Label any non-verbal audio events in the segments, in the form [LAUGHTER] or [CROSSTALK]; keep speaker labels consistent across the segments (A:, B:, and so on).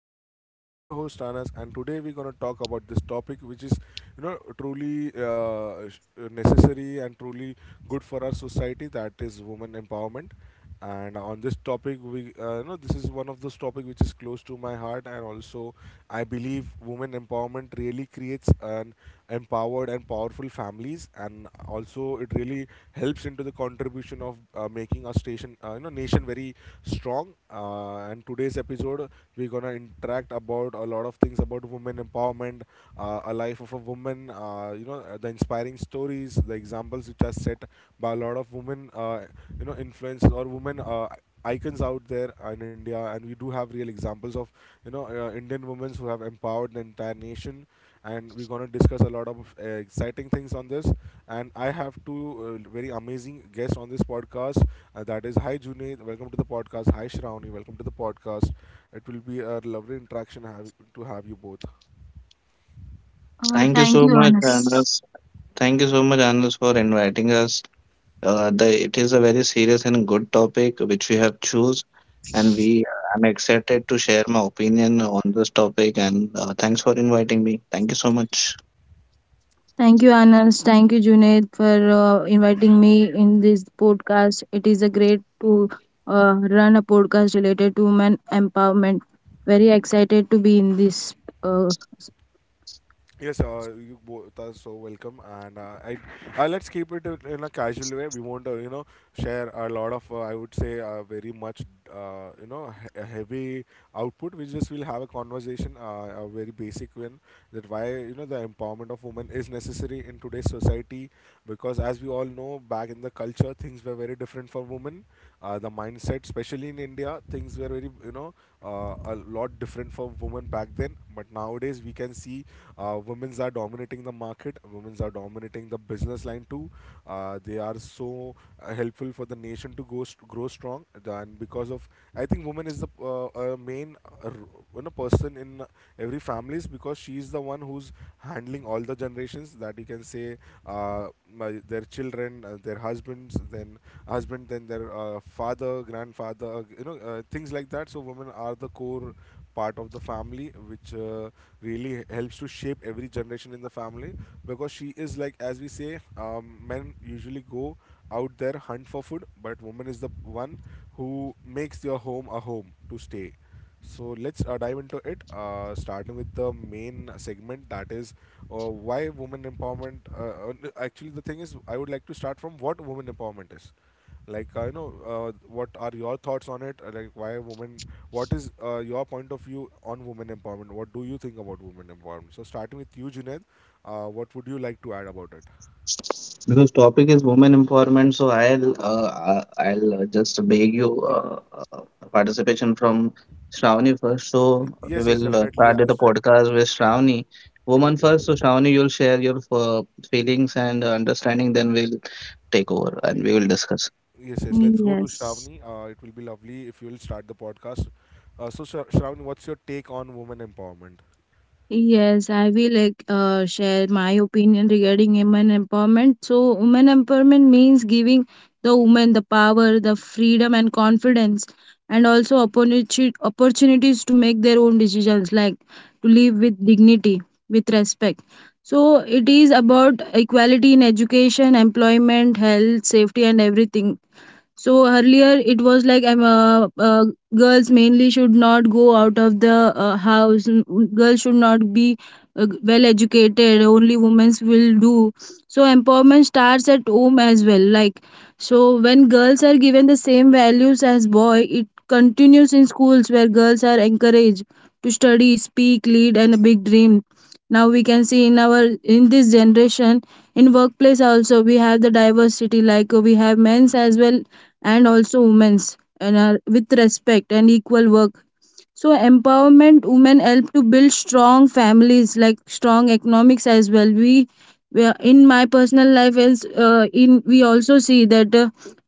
A: podcast. I'm your host Anas, and today we're gonna talk about this topic, which is truly necessary and truly good for our society. That is women empowerment. And on this topic, we you know this is one of those topic which is close to my heart, and also I believe women empowerment really creates an empowered and powerful families, and also it really helps into the contribution of making our station, nation very strong. And today's episode we're gonna interact about a lot of things about women empowerment, a life of a woman, the inspiring stories, the examples which are set by a lot of women, influences or women, icons out there in India. And we do have real examples of Indian women who have empowered the entire nation, and we're going to discuss a lot of exciting things on this. And I have two very amazing guests on this podcast. That is, hi Junaid, welcome to the podcast. Hi Shravani, welcome to the podcast. It will be a lovely interaction to have you both.
B: Thank you
C: Thank
B: so
C: you,
B: much,
C: Anas.
B: Anas. Thank you so much, Anas, for inviting us. It is a very serious and good topic which we have choose, and
A: [LAUGHS]
B: we I'm excited to share my opinion on this topic. And thanks for inviting me. Thank you so much.
C: Thank you, Anas. Thank you, Junaid, for inviting me in this podcast. It is a great to run a podcast related to women empowerment. Very excited to be in this. Uh,
A: Yes, you both are so welcome, and I let's keep it in a casual way. We won't, share a lot of, I would say, very much, a heavy output. We just will have a conversation, a very basic one, that why you know the empowerment of women is necessary in today's society, because as we all know, back in the culture, things were very different for women. The mindset, especially in India, things were very, you know, a lot different for women back then. But nowadays, we can see women's are dominating the market. Women's are dominating the business line too. They are so helpful for the nation to grow strong. And because of, I think woman is the main person in every families because she is the one who's handling all the generations that you can say my, their children, their husbands, then their father, grandfather, things like that. So women are the core part of the family, which really helps to shape every generation in the family because she is like, as we say, men usually go out there hunt for food, but woman is the one who makes your home a home to stay. So let's dive into it, starting with the main segment, that is why women empowerment. Actually, the thing is, I would like to start from what women empowerment is. Like, what are your thoughts on it? Like, why women? What is your point of view on women empowerment? What do you think about women empowerment? So, starting with you, Junaid, what would you like to add about it?
B: Because topic is women empowerment, so I'll just beg you participation from Shravani first. So we
A: Yes, yes,
B: will
A: definitely.
B: start the
A: As
B: podcast with Shravani,
A: true,
B: woman
A: true,
B: first.
A: true.
B: So Shravani, you'll share your feelings and understanding, then we'll take over and
A: Take
B: we
A: over.
B: will discuss.
A: Yes, yes. Let's go to
C: yes.
A: Shravani. It will be lovely if you will start the podcast. Shravani, what's your take on women empowerment?
C: Yes, I will like share my opinion regarding women empowerment. So, women empowerment means giving the woman the power, the freedom, and confidence, and also opportunity opportunities to make their own decisions, like to live with dignity, with respect. So, it is about equality in education, employment, health, safety, and everything. So earlier it was like girls mainly should not go out of the house. Girls should not be well educated. Only women will do. So empowerment starts at home as well. Like so, when girls are given the same values as boy, it continues in schools where girls are encouraged to study, speak, lead, and a big dream. Now we can see in our in this generation in workplace also, we have the diversity, like we have men's as well and also women's, and with respect and equal work. So empowerment women help to build strong families, like strong economics as well. In my personal life is, in we also see that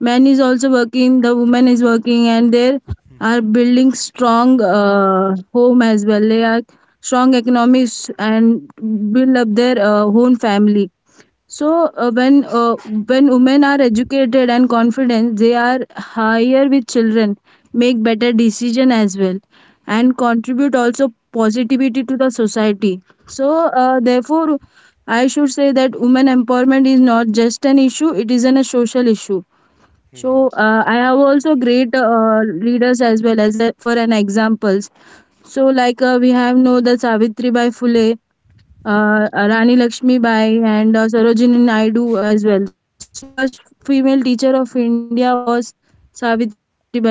C: man is also working, the woman is working, and
A: Yes,
C: they
A: yes.
C: are building strong home as well. They are strong economics and build up their own family. So when women are educated and confident, they are higher with children, make better decision as well, and contribute also positivity to the society. So therefore, I should say that women empowerment is not just an issue; it is an, a social issue. So
A: Mm-hmm.
C: I have also great leaders as well as a, for an examples. So like we have know the Savitri Bai Phule, Rani Lakshmi Bai, and Sarojini Naidu as well. So the first female teacher of India was Savitribai Phule, right?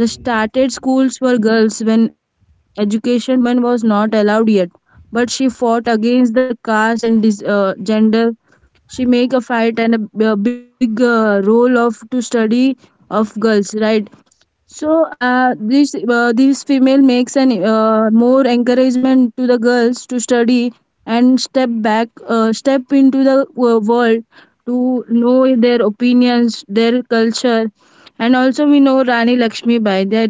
C: The
A: Mm-hmm.
C: started schools for girls when education for women was not allowed yet, but she fought against the caste and gender. She make a fight and a big role of to study of girls, right? So this female makes an more encouragement to the girls to study and step into the world to know their opinions, their culture, and also we know Rani Lakshmi Bai, that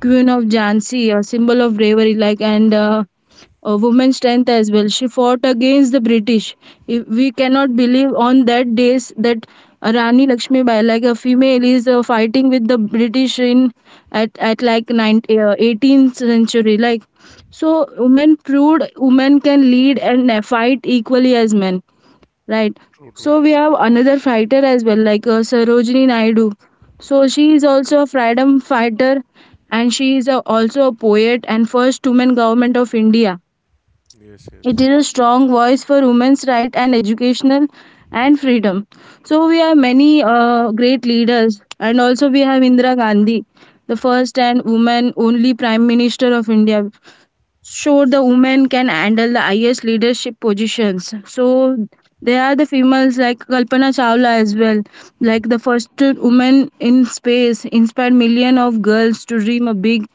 C: Queen of Jhansi, a symbol of bravery, like, and a woman's strength as well. She fought against the British. If we cannot believe on that days that Rani Lakshmibai, like a female, is fighting with the British in at, 19, 18th century. Like so, women proved women can lead and fight equally as men. Right.
A: True,
C: So
A: true.
C: we have another fighter as well, like Sarojini Naidu. So she is also a freedom fighter, and she is a, also a poet and first woman government of India.
A: Yes, yes.
C: It is a strong voice for women's right and educational and freedom. So we have many great leaders, and also we have Indira Gandhi, the first and woman only prime minister of India, sure the women can handle the highest leadership positions. So there are the females like Kalpana Chawla as well, like the first woman in space, inspired millions of girls to dream a big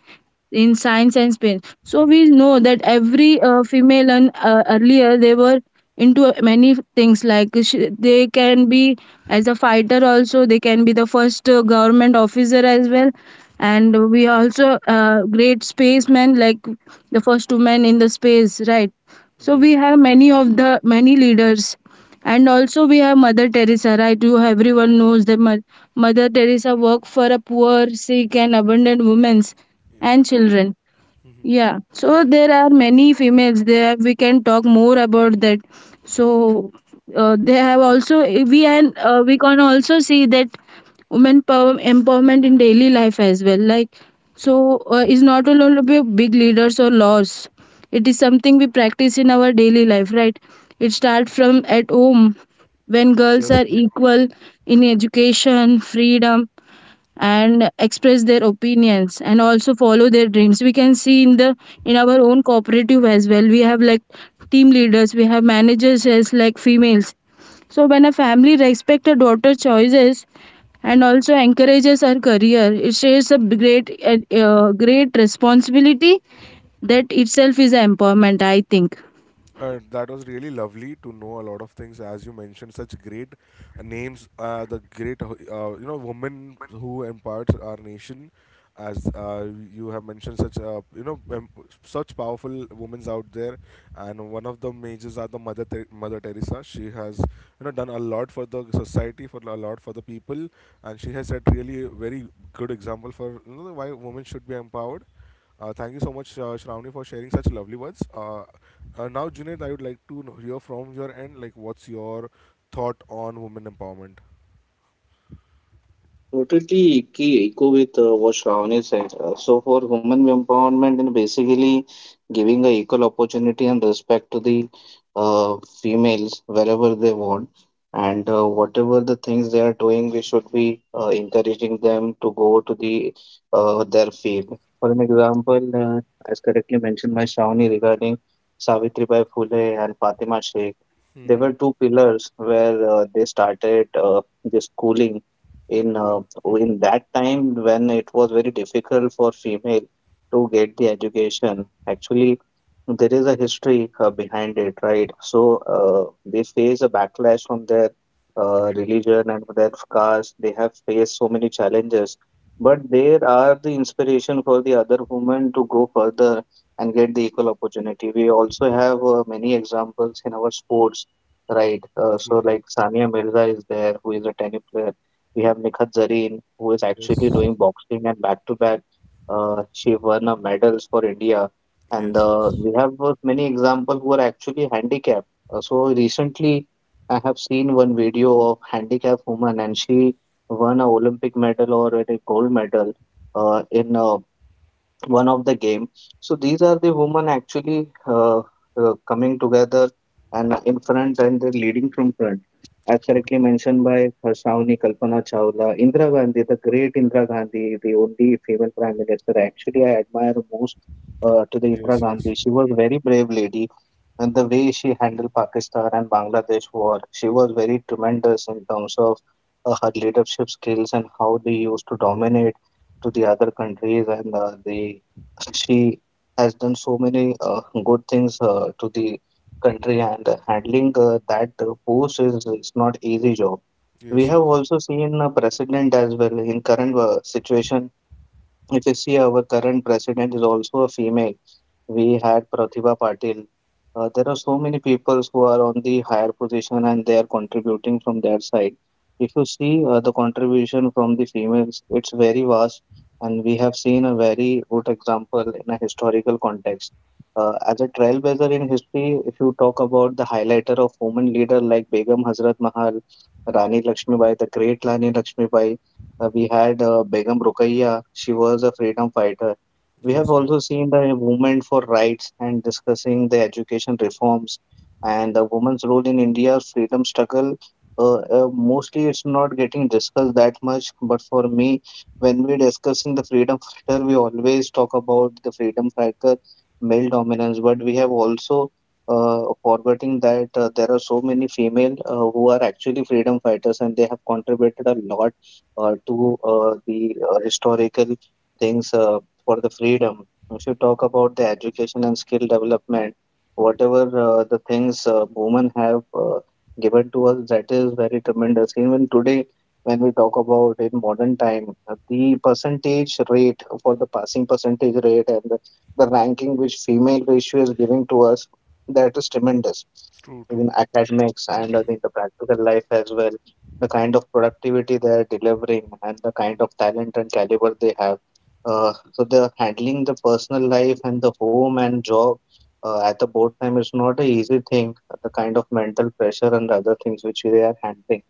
C: in science and space. So we know that every female, and earlier they were into many things, like they can be as a fighter also, they can be the first government officer as well, and we also great spacemen, like the first woman in the space, right? So we
A: Yes.
C: have many of the many leaders, and also we have Mother Teresa, right? you Everyone knows that Mother Teresa worked for a poor, sick, and abandoned women's
A: Yeah,
C: and
A: true.
C: children.
A: Mm-hmm.
C: Yeah, so there are many females, there we can talk more about that. So they have also we, and we can also see that women power, empowerment in daily life as well. Like, so, is not only about big leaders or laws, it is something we practice in our daily life, right? It starts from at home when girls
A: Yes,
C: are
A: true, true.
C: equal in education freedom and express their opinions and also follow their dreams. We can see in the in our own cooperative as well, we have like team leaders, we have managers as like females. So when a family respects a daughter's choices and also encourages her career, it shares a great responsibility. That itself is an empowerment, I think.
A: That was really lovely to know a lot of things, as you mentioned, such great names, the great, you know, women who empowered our nation, as you have mentioned, such, such powerful women out there, and one of the majors are the Mother Teresa. She has, you know, done a lot for the society, for a lot for the people, and she has set really a very good example for you know why women should be empowered. Thank you so much, Shravani, for sharing such lovely words. Now, Junaid, I would like to hear from your end, like, what's your thought on women empowerment?
B: Totally key echo with what Shravani said. So for women empowerment and basically giving a equal opportunity and respect to the uh, females wherever they want and whatever the things they are doing, we should be encouraging them to go to the their field. For an example, as correctly mentioned by Shravani regarding Savitri Bai Phule and Fatima Sheikh, they
A: Mm-hmm.
B: were two pillars where they started the schooling in uh,
A: True. Mm-hmm.
B: in that time when it was very difficult for female to get the education actually. There is a history behind it, right? So they face a backlash from their religion and their caste. They have faced so many challenges, but there are the inspiration for the other women to go further and get the equal opportunity. We also have many examples in our sports, right? uh,
A: True.
B: so
A: True.
B: like Sania Mirza is there, who is a tennis player. We have Nikhat Zareen, who is actually
A: Yes.
B: doing boxing and back to back. She won a medals for India, and
A: Yes. Yes.
B: we have many examples who are actually handicapped. So recently, I have seen one video of handicapped woman, and she won a Olympic medal or a gold medal in one of the game. So these are the women actually coming together and in front, and they're leading from front. As
A: True.
B: correctly
A: True.
B: mentioned by Harshavani, Kalpana Chawla, Indira Gandhi, the great Indira Gandhi, the only female prime minister. Actually, I admire most to the Indira
A: Yes.
B: Gandhi.
A: Yes.
B: She was very brave lady, and the way she handled Pakistan and Bangladesh war, she was very tremendous in terms of her leadership skills and how they used to dominate to the other countries, and the she has done so many good things to the country, and handling that post is it's not easy job. We
A: Yes.
B: have
A: Yes.
B: also seen a precedent as well. In current situation, if you see, our current president is also a female. We had Pratibha Patil. There are so many people who are on the higher position and they are contributing from their side. If you see the contribution from the females, it's very vast, and we have seen a very good example in a historical context. As a trailblazer in history, if you talk about the highlighter of women leader like Begum Hazrat Mahal, Rani Lakshmibai, the great Rani Lakshmibai, we had Begum Ruqayya, she was a freedom fighter. We have
A: Yes. Yes.
B: also seen the movement for rights and discussing the education reforms and the women's role in India's freedom struggle. Mostly it's not getting discussed that much, but for me, when we're discussing the freedom fighter, we always talk about the freedom fighter male dominance, but we have also forgetting that there are so many female who are actually freedom fighters and they have contributed a lot to the historical things for the freedom. We should talk about the education and skill development. Whatever the things women have given to us, that is very tremendous. Even today, when we talk about in modern time, the percentage rate for the passing percentage rate and the ranking which female ratio is giving to us, that is tremendous
A: True. True.
B: in academics, and I think the practical life as well, the kind of productivity they're delivering and the kind of talent and caliber they have. So they are handling the personal life and the home and job at the both time is not a easy thing. The kind of mental pressure and the other things which they are handling.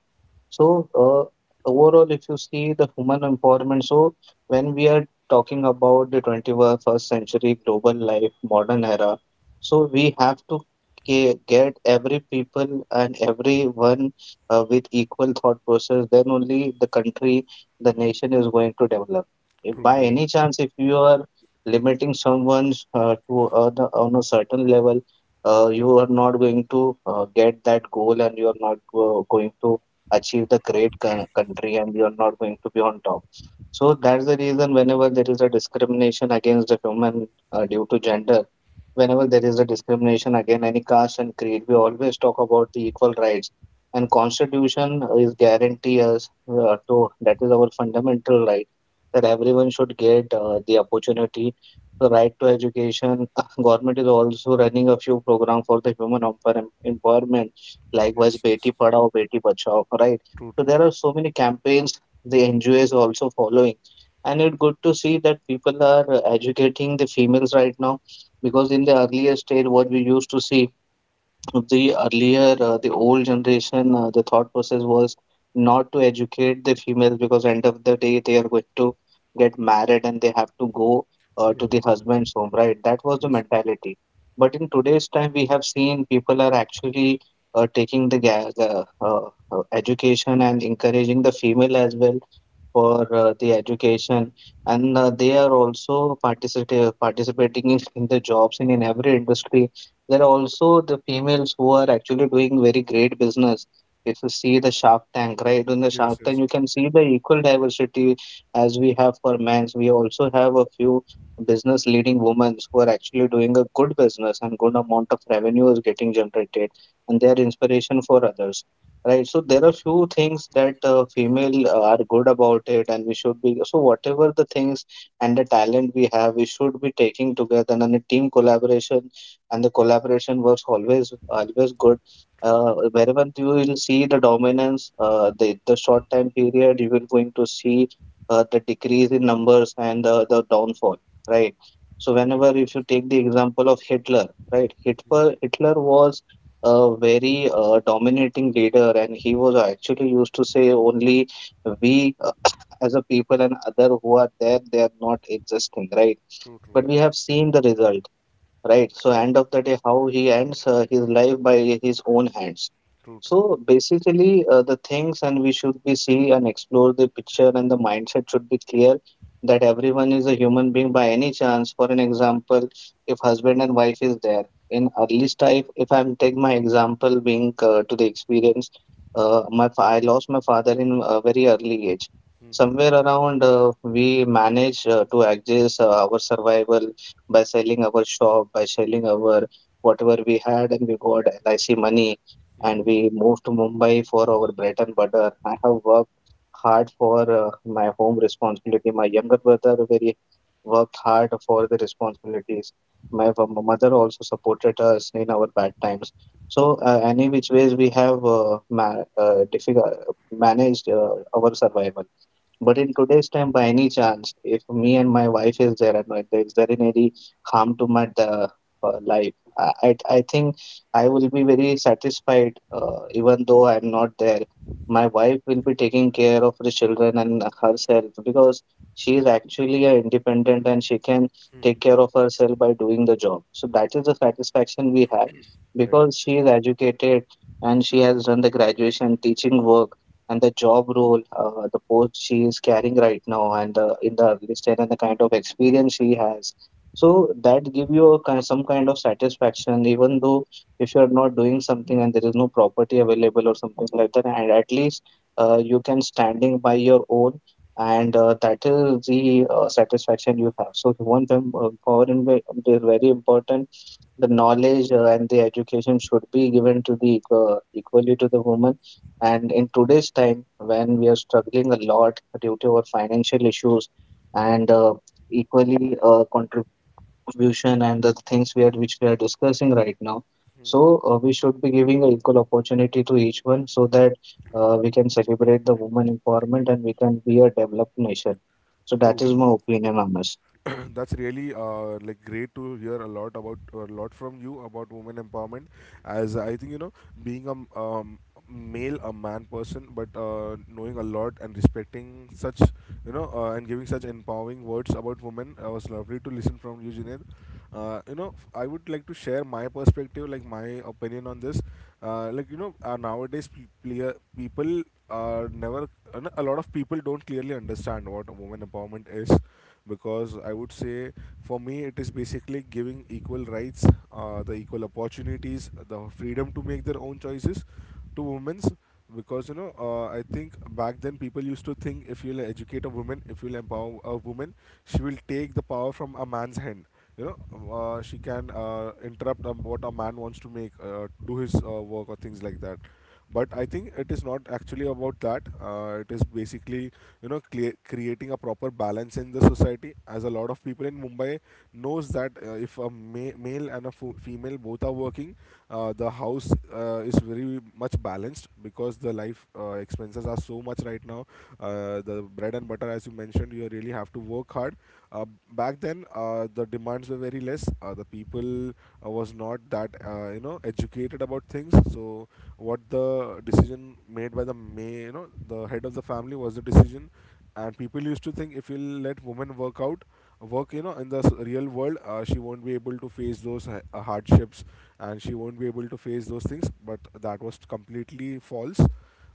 B: So, overall, if you see the human empowerment, so when we are talking about the 21st century global life, modern era, so we have to get every people and everyone with equal thought process, then only the country, the nation is going to develop. If
A: True.
B: by
A: True.
B: any chance, if you are limiting someone to on a certain level, you are not going to get that goal, and you are not going to achieve the great country, and you're not going to be on top. So that's the reason whenever there is a discrimination against a human due to gender, whenever there is a discrimination against any caste and creed, we always talk about the equal rights. And Constitution is guarantee us to that is our fundamental right that everyone should get the opportunity, the right to education. [LAUGHS] Government is also running a few program for the human empowerment. Likewise,
A: Yes. Yes.
B: Beti Padhao, Beti Bachao, right?
A: True.
B: So
A: True.
B: there are so many campaigns the NGO is also following, and it's good to see that people are educating the females right now, because in the earlier stage, what we used to see the earlier the old generation the thought process was not to educate the females because end of the day they are going to get married and they have to go to
A: Yes.
B: the husband's home, right? That was the
A: Yes.
B: mentality, but in today's time we have seen people are actually taking the education and encouraging the female as well for the education, and they are also participate participating in the jobs and in every industry. There are also the females who are actually doing very great business. If you see the Shark Tank, right? In the
A: Yes.
B: Shark Tank
A: Yes.
B: you can see the equal diversity. As we have for men's, we also have a few business leading women who are actually doing a good business, and good amount of revenue is getting generated, and they are inspiration for others. Right, so there are few things that female are good about it, and we should be so whatever the things and the talent we have, we should be taking together and a team collaboration, and the collaboration works always always good.
A: True.
B: Wherever you will see the dominance, the short time period, you will going to see the decrease in numbers and the downfall, right? So
A: Yes.
B: whenever
A: Yes.
B: if you take the example of Hitler, right?
A: Mm-hmm.
B: Hitler was a very dominating leader, and he was actually used to say only we [COUGHS] [CLEARS THROAT] as a people and other who are there, they are not existing, right?
A: True. True.
B: But we have seen the result, right? So
A: Right.
B: end of the day, how he ends his life by his own hands.
A: True. True.
B: So basically, the things and we should be see and explore the picture, and the mindset should be clear that everyone is a human being by any chance. For an example, if husband and wife is there in early life, if I'm take my example being to the experience, I lost my father in a very early age.
A: Mm-hmm.
B: Somewhere around, we manage to adjust our survival by selling our shop, by selling our whatever we had, and we got LIC money,
A: Mm-hmm.
B: and we moved to Mumbai for our bread and butter. I have worked hard for my home responsibility. My younger brother very worked hard for the responsibilities. Mother also supported us in our bad times. So any which ways we have difficult managed our survival. But in today's time, by any chance, if me and my wife is there and like, is there any harm to my life? I think I will be very satisfied, even though I'm not there. My wife will be taking care of the children and herself because she is actually independent and she can take care of herself by doing the job. So that is the satisfaction we have
A: Right.
B: because she is educated and she has done the graduation teaching work and the job role, the post she is carrying right now, and
A: True.
B: the in the early stage and the kind of experience she has. So that give you a kind, some kind of satisfaction, even though if you are not doing something and there is no property available or something like that, and at least you can standing by your own, and that is the satisfaction you have. So human power is very important. The knowledge and the education should be given to the equally to the woman, and in today's time when we are struggling a lot due to our financial issues and equally contribution and the things we are which we are discussing right now. So we should be giving an equal opportunity to each one so that we can celebrate the woman empowerment and we can be a developed nation. So that
A: True.
B: is my
A: True.
B: opinion on this.
A: [CLEARS THROAT] That's really like great to hear a lot about a lot from you about women empowerment, as I think you know being a male, a man person, but knowing a lot and respecting such and giving such empowering words about women, was lovely to listen from you, Junaid. You know, I would like to share my perspective, like my opinion on this. Like you know, nowadays pe- clear people are never no, a lot of people don't clearly understand what a woman empowerment is, because I would say for me it is basically giving equal rights, the equal opportunities, the freedom to make their own choices, to women's. Because you know, I think back then people used to think if you'll educate a woman, if you'll empower a woman, she will take the power from a man's hand, you know. She can interrupt what a man wants to make do his work or things like that. But I think it is not actually about that. It is basically you know creating a proper balance in the society, as a lot of people in Mumbai knows that if a male and a female both are working, the house is very much balanced because the life expenses are so much right now. The bread and butter, as you mentioned, you really have to work hard. Uh, Back then, the demands were very less. The people was not that you know educated about things. So what the decision made by the may you know the head of the family was the decision, and people used to think if you'll let women work you know in the real world, she won't be able to face those hardships, and she won't be able to face those things. But that was completely false.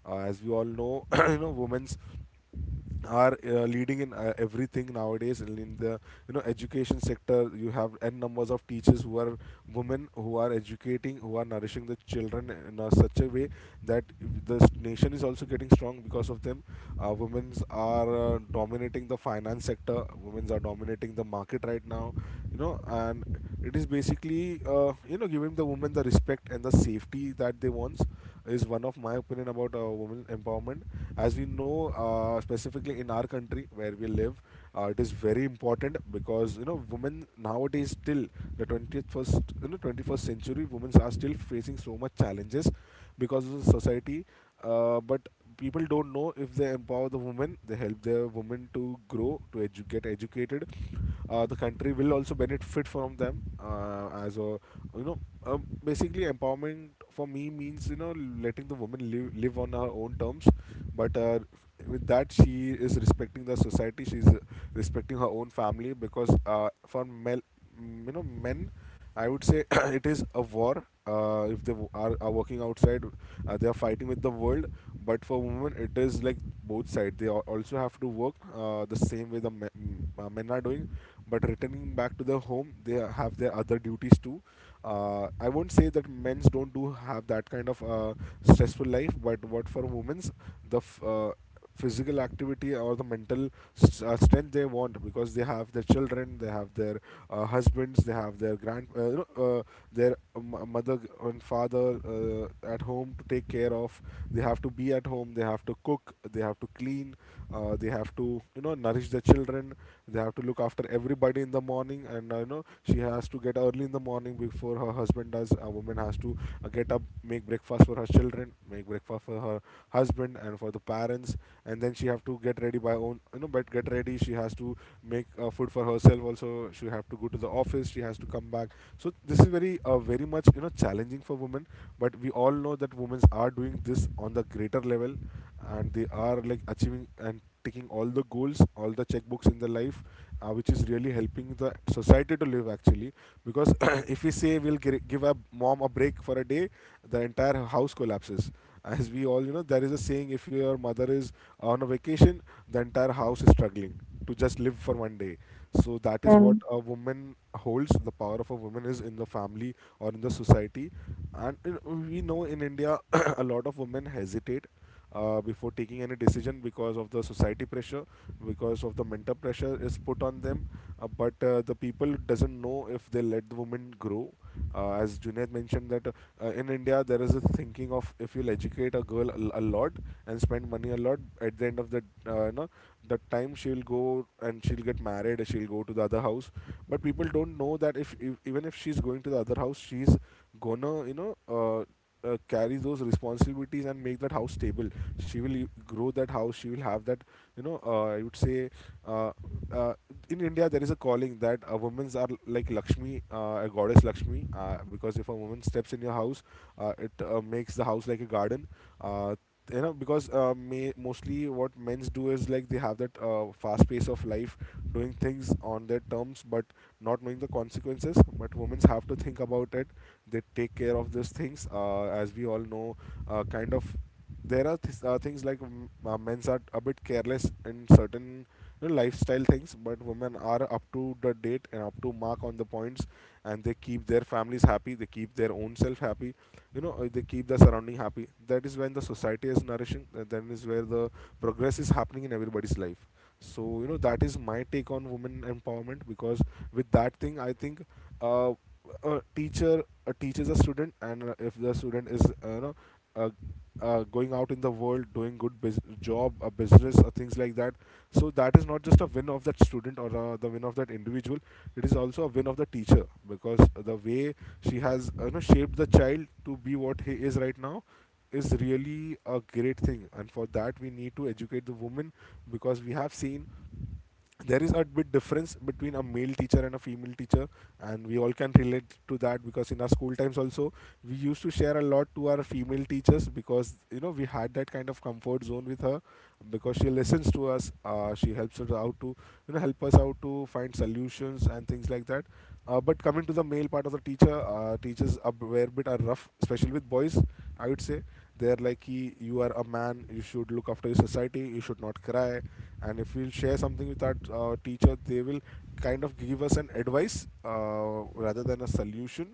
A: As we all know, [COUGHS] [CLEARS THROAT] you know women's are leading in everything nowadays in the you know education sector. You have n numbers of teachers who are women, who are educating, who are nourishing the children in a, such a way that the nation is also getting strong because of them. Women are dominating the finance sector. Women are dominating the market right now, you know. And it is basically giving the women the respect and the safety that they want is one of my opinion about women empowerment. As we know, specifically in our country where we live, it is very important because you know women nowadays still the 20th first you know 21st century, women are still facing so much challenges because of the society. But people don't know if they empower the women, they help their women to grow, to get educated, the country will also benefit from them as a you know basically empowerment for me means you know letting the woman live on her own terms. But with that, she is respecting the society, she's respecting her own family. Because for men, I would say [CLEARS THROAT] it is a war. If they are working outside, they are fighting with the world. But for women, it is like both sides. They also have to work the same way the men, men are doing. But returning back to their home, they have their other duties too. I won't say that men's don't do have that kind of stressful life, but what for women's the physical activity or the mental strength they want, because they have their children, they have their husbands, they have their grand their mother and father at home to take care of. They have to be at home, they have to cook, they have to clean, they have to you know nourish the children, they have to look after everybody in the morning. And you know she has to get early in the morning before her husband does. A woman has to get up, make breakfast for her children, make breakfast for her husband and for the parents, and then she have to get ready by own you know but get ready. She has to make food for herself. Also, she have to go to the office. She has to come back. So this is very much challenging for women. But we all know that women are doing this on the greater level, and they are like achieving and taking all the goals, all the checkbooks in their life, which is really helping the society to live actually. Because [CLEARS THROAT] if we say give a mom a break for a day, the entire house collapses. As we all, you know, there is a saying if your mother is on a vacation, the entire house is struggling to just live for one day. So that is
C: Yeah.
A: what a woman holds. The power of a woman is in the family or in the society. And in, we know in India, [CLEARS THROAT] a lot of women hesitate before taking any decision because of the society pressure, because of the mental pressure is put on them, but the people doesn't know if they let the women grow, as Junaid mentioned that in India there is a thinking of if you'll educate a girl a lot and spend money a lot at the end of the uh, you know the time she'll go and she'll get married and she'll go to the other house. But people don't know that if even if she's going to the other house, she's gonna carry those responsibilities and make that house stable. She will grow that house. She will have that, I would say, uh, uh, in India there is a calling that women's are like Lakshmi, a goddess Lakshmi, because if a woman steps in your house, it makes the house like a garden. uh, because mostly what men's do is like they have that fast pace of life, doing things on their terms but not knowing the consequences, but women's have to think about it. They take care of these things. As we all know, uh, kind of there are things like, men's are a bit careless in certain, you know, lifestyle things, but women are up to the date and up to mark on the points. And they keep their families happy, they keep their own self happy, they keep the surrounding happy. That is when the society is nourishing. That is where the progress is happening in everybody's life. So you know, that is my take on women empowerment. Because with that thing I think, uh, a teacher teaches a student, and if the student is, uh, going out in the world doing job, a business or things like that, so that is not just a win of that student or the win of that individual, it is also a win of the teacher, because the way she has, shaped the child to be what he is right now, is really a great thing. And for that we need to educate the women, because we have seen there is a bit difference between a male teacher and a female teacher. And we all can relate to that, because in our school times also, we used to share a lot to our female teachers, because you know we had that kind of comfort zone with her, because she listens to us. She helps us out to, you know, help us out to find solutions and things like that. But coming to the male part of the teacher, teachers were a bit are rough, especially with boys, I would say. They're like, "Ki, you are a man, you should look after your society, you should not cry." And if we'll share something with our teacher, they will kind of give us an advice rather than a solution.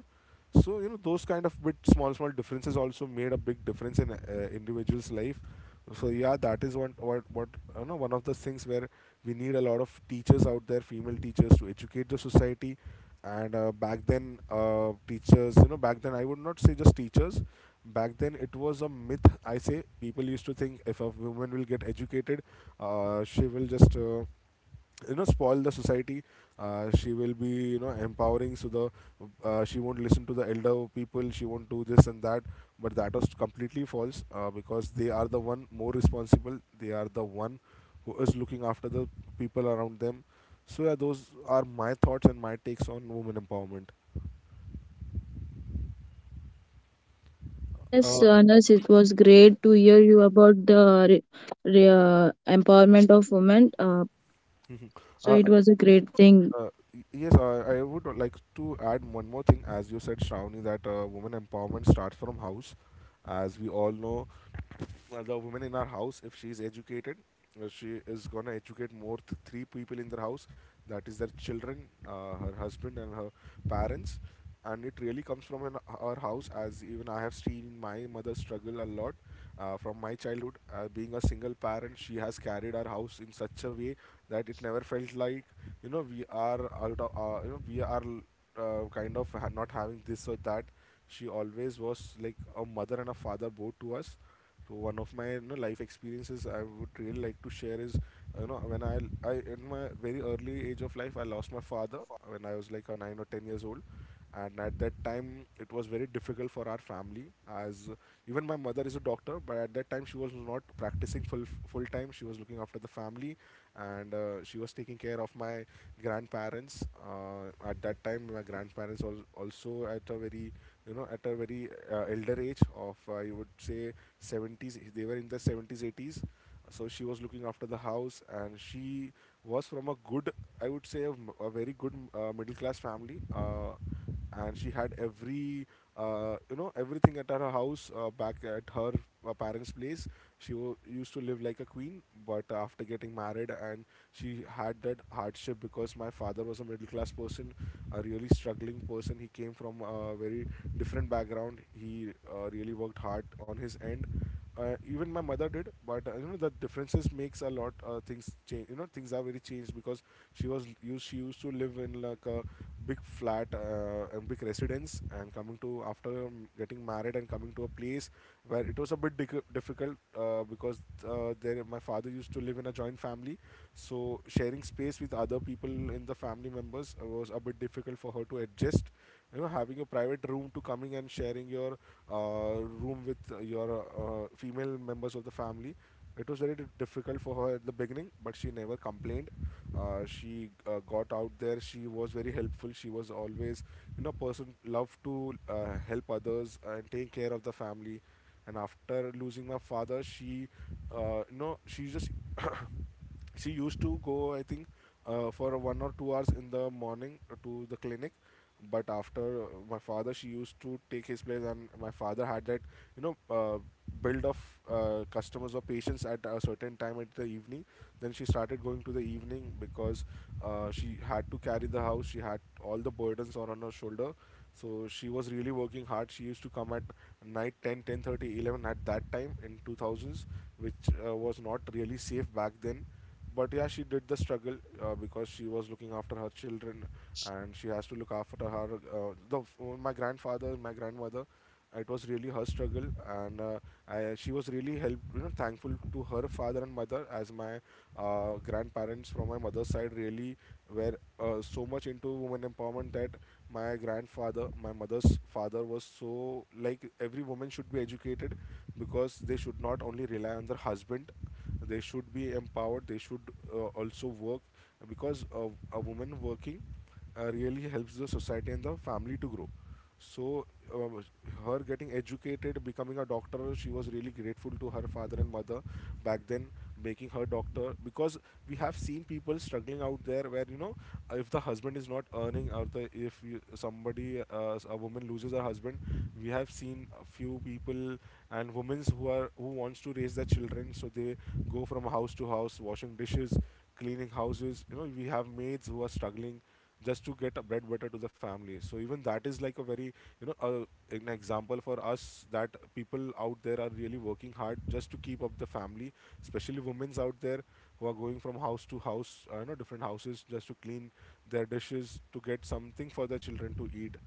A: So you know, those kind of bit small small differences also made a big difference in individuals life. So yeah, that is one what you know, one of the things where we need a lot of teachers out there, female teachers, to educate the society. And back then, teachers, you know back then, I would not say just teachers, back then it was a myth I say. People used to think if a woman will get educated, she will just, spoil the society. She will be, you know, empowering, so the, she won't listen to the elder people, she won't do this and that. But that was completely false, because they are the one more responsible, they are the one who is looking after the people around them. So yeah, those are my thoughts and my takes on women empowerment.
C: Yes,
A: uh, [LAUGHS]
C: Anas, it was great to hear you about the empowerment of women.
A: Mhm.
C: So
A: uh,
C: it was a great thing.
A: yes, I would like to add one more thing. As you said, Shravani, that women empowerment starts from house. As we all know, the woman in our house, if she is educated, she is gonna educate more three people in their house. That is their children, her husband, and her parents. And it really comes from an, her house, as even I have seen my mother struggle a lot from my childhood. Being a single parent, she has carried our house in such a way that it never felt like, we are out of, we are, not having this or that. She always was like a mother and a father both to us. So one of my, you know, life experiences I would really like to share is, you know, when I in my very early age of life I lost my father when I was like a 9 or 10 years old, and at that time it was very difficult for our family, as even my mother is a doctor, but at that time she was not practicing full time, she was looking after the family. And she was taking care of my grandparents. At that time my grandparents also at a very, you know, at a very elder age of, I would say 70s, they were in the 70s 80s. So she was looking after the house, and she was from a good, I would say a very good middle class family. And she had every, everything at her house, back at her parents place. She used to live like a queen. But after getting married, and she had that hardship, because my father was a middle class person, a really struggling person. He came from a very different background. He really worked hard on his end. Even my mother did, but you know the differences makes a lot things change, you know things are very changed, because she used to live in like a big flat and big residence, and coming to after getting married and coming to a place where it was a bit difficult, because there my father used to live in a joint family. So sharing space with other people in the family members was a bit difficult for her to adjust, you know, having a private room to coming and sharing your uh, room with your female members of the family. It was very difficult for her at the beginning, but she never complained. She got out there. She was very helpful. She was always, you know, person loved to help others and take care of the family. And after losing my father, she, she just [COUGHS] [CLEARS THROAT] she used to go I think for 1 or 2 hours in the morning to the clinic. But after my father, she used to take his place. And my father had that, you know uh, build of customers or patients at a certain time at the evening. Then she started going to the evening, because she had to carry the house, she had all the burdens are on her shoulder. So she was really working hard. She used to come at night ten, 10:30, 11 at that time, in 2000s, which was not really safe back then. But yeah, she did the struggle, because she was looking after her children, and she has to look after her. My grandfather and my grandmother, it was really her struggle. And she was really help, thankful to her father and mother, as my grandparents from my mother's side really were so much into women empowerment. That my grandfather, my mother's father, was so like every woman should be educated because they should not only rely on their husband, they should be empowered, they should also work, because a woman working really helps the society and the family to grow. So um, her getting educated, becoming a doctor, she was really grateful to her father and mother back then, making her doctor, because we have seen people struggling out there. Where you know If the husband is not earning, or the if you, somebody, a woman loses her husband, we have seen a few people and women who are who wants to raise their children, so they go from house to house, washing dishes, cleaning houses. You know we have maids who are struggling just to get a bread butter to the family. So even that is like a very, an example for us, that people out there are really working hard just to keep up the family, especially women's out there, who are going from house to house, different houses, just to clean their dishes to get something for their children to eat.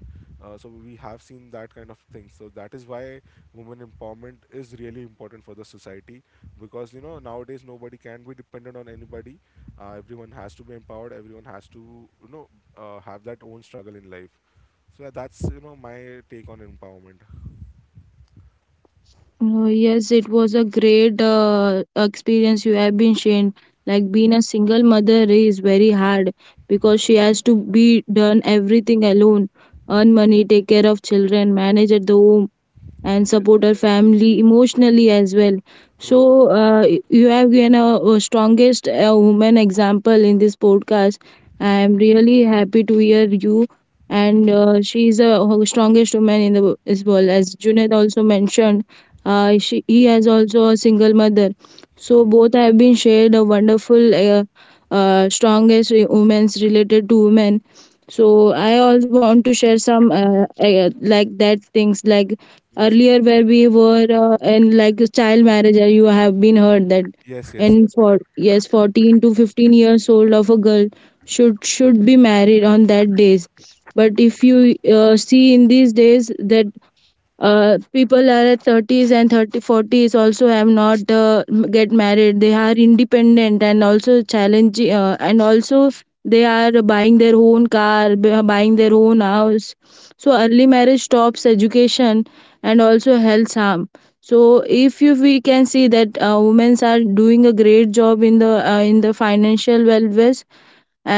A: So we have seen that kind of thing. So that is why women empowerment is really important for the society, because nowadays nobody can be dependent on anybody. Everyone has to be empowered. Everyone has to, you know have that own struggle in life. So yeah, that's my take on empowerment.
C: Yes, it was a great experience you have been sharing. Like being a single mother is very hard because she has to be done everything alone, earn money, take care of children, manage at the home, and
A: Yes,
C: support our family emotionally as well.
A: true, true,
C: So you have given a strongest woman example in this podcast. I am really happy to hear you, and she is the strongest woman in the as well as Junaid also mentioned. She he has also a single mother, so
A: true.
C: both have been shared a wonderful strongest women's related to women. So I also want to share some like that things, like
A: Yes,
C: earlier where we were in like a child marriage, you have been heard that.
A: yes, yes,
C: And for yes 14 to 15 years old of a girl, should
A: true, true,
C: should be married on that days. But if you see in these days that people are at 30s and thirty forties, also have not get married, they are independent and also challenge, and also they are buying their own car, buying their own house. So early marriage stops education and also health harm. So if you we can see that women are doing a great job in the, financial wellness,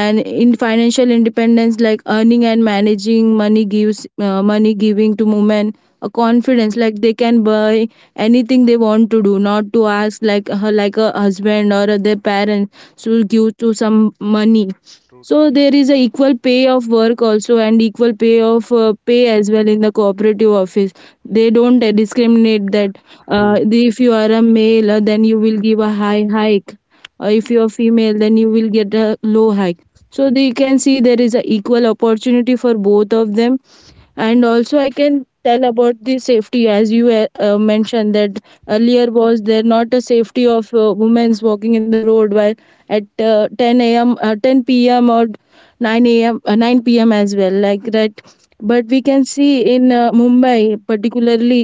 C: and in financial independence, like earning and managing money gives, money giving to women a confidence, like they can buy anything they want, to do not to ask like her, like a husband or their parents should give to some money.
A: true, true.
C: So there is a equal pay of work also, and equal pay of, pay as well, in the cooperative office, they don't discriminate that,
A: True.
C: if you are a male, then you will give a high hike, if you're female then you will get a low hike. So they can see there is a equal opportunity for both of them. And also I can tell about the safety, as you mentioned that earlier was there not a safety of women's walking in the road while at 10 a.m, 10 p.m, or 9 a.m, 9 p.m as well, like that. But we can see in Mumbai particularly,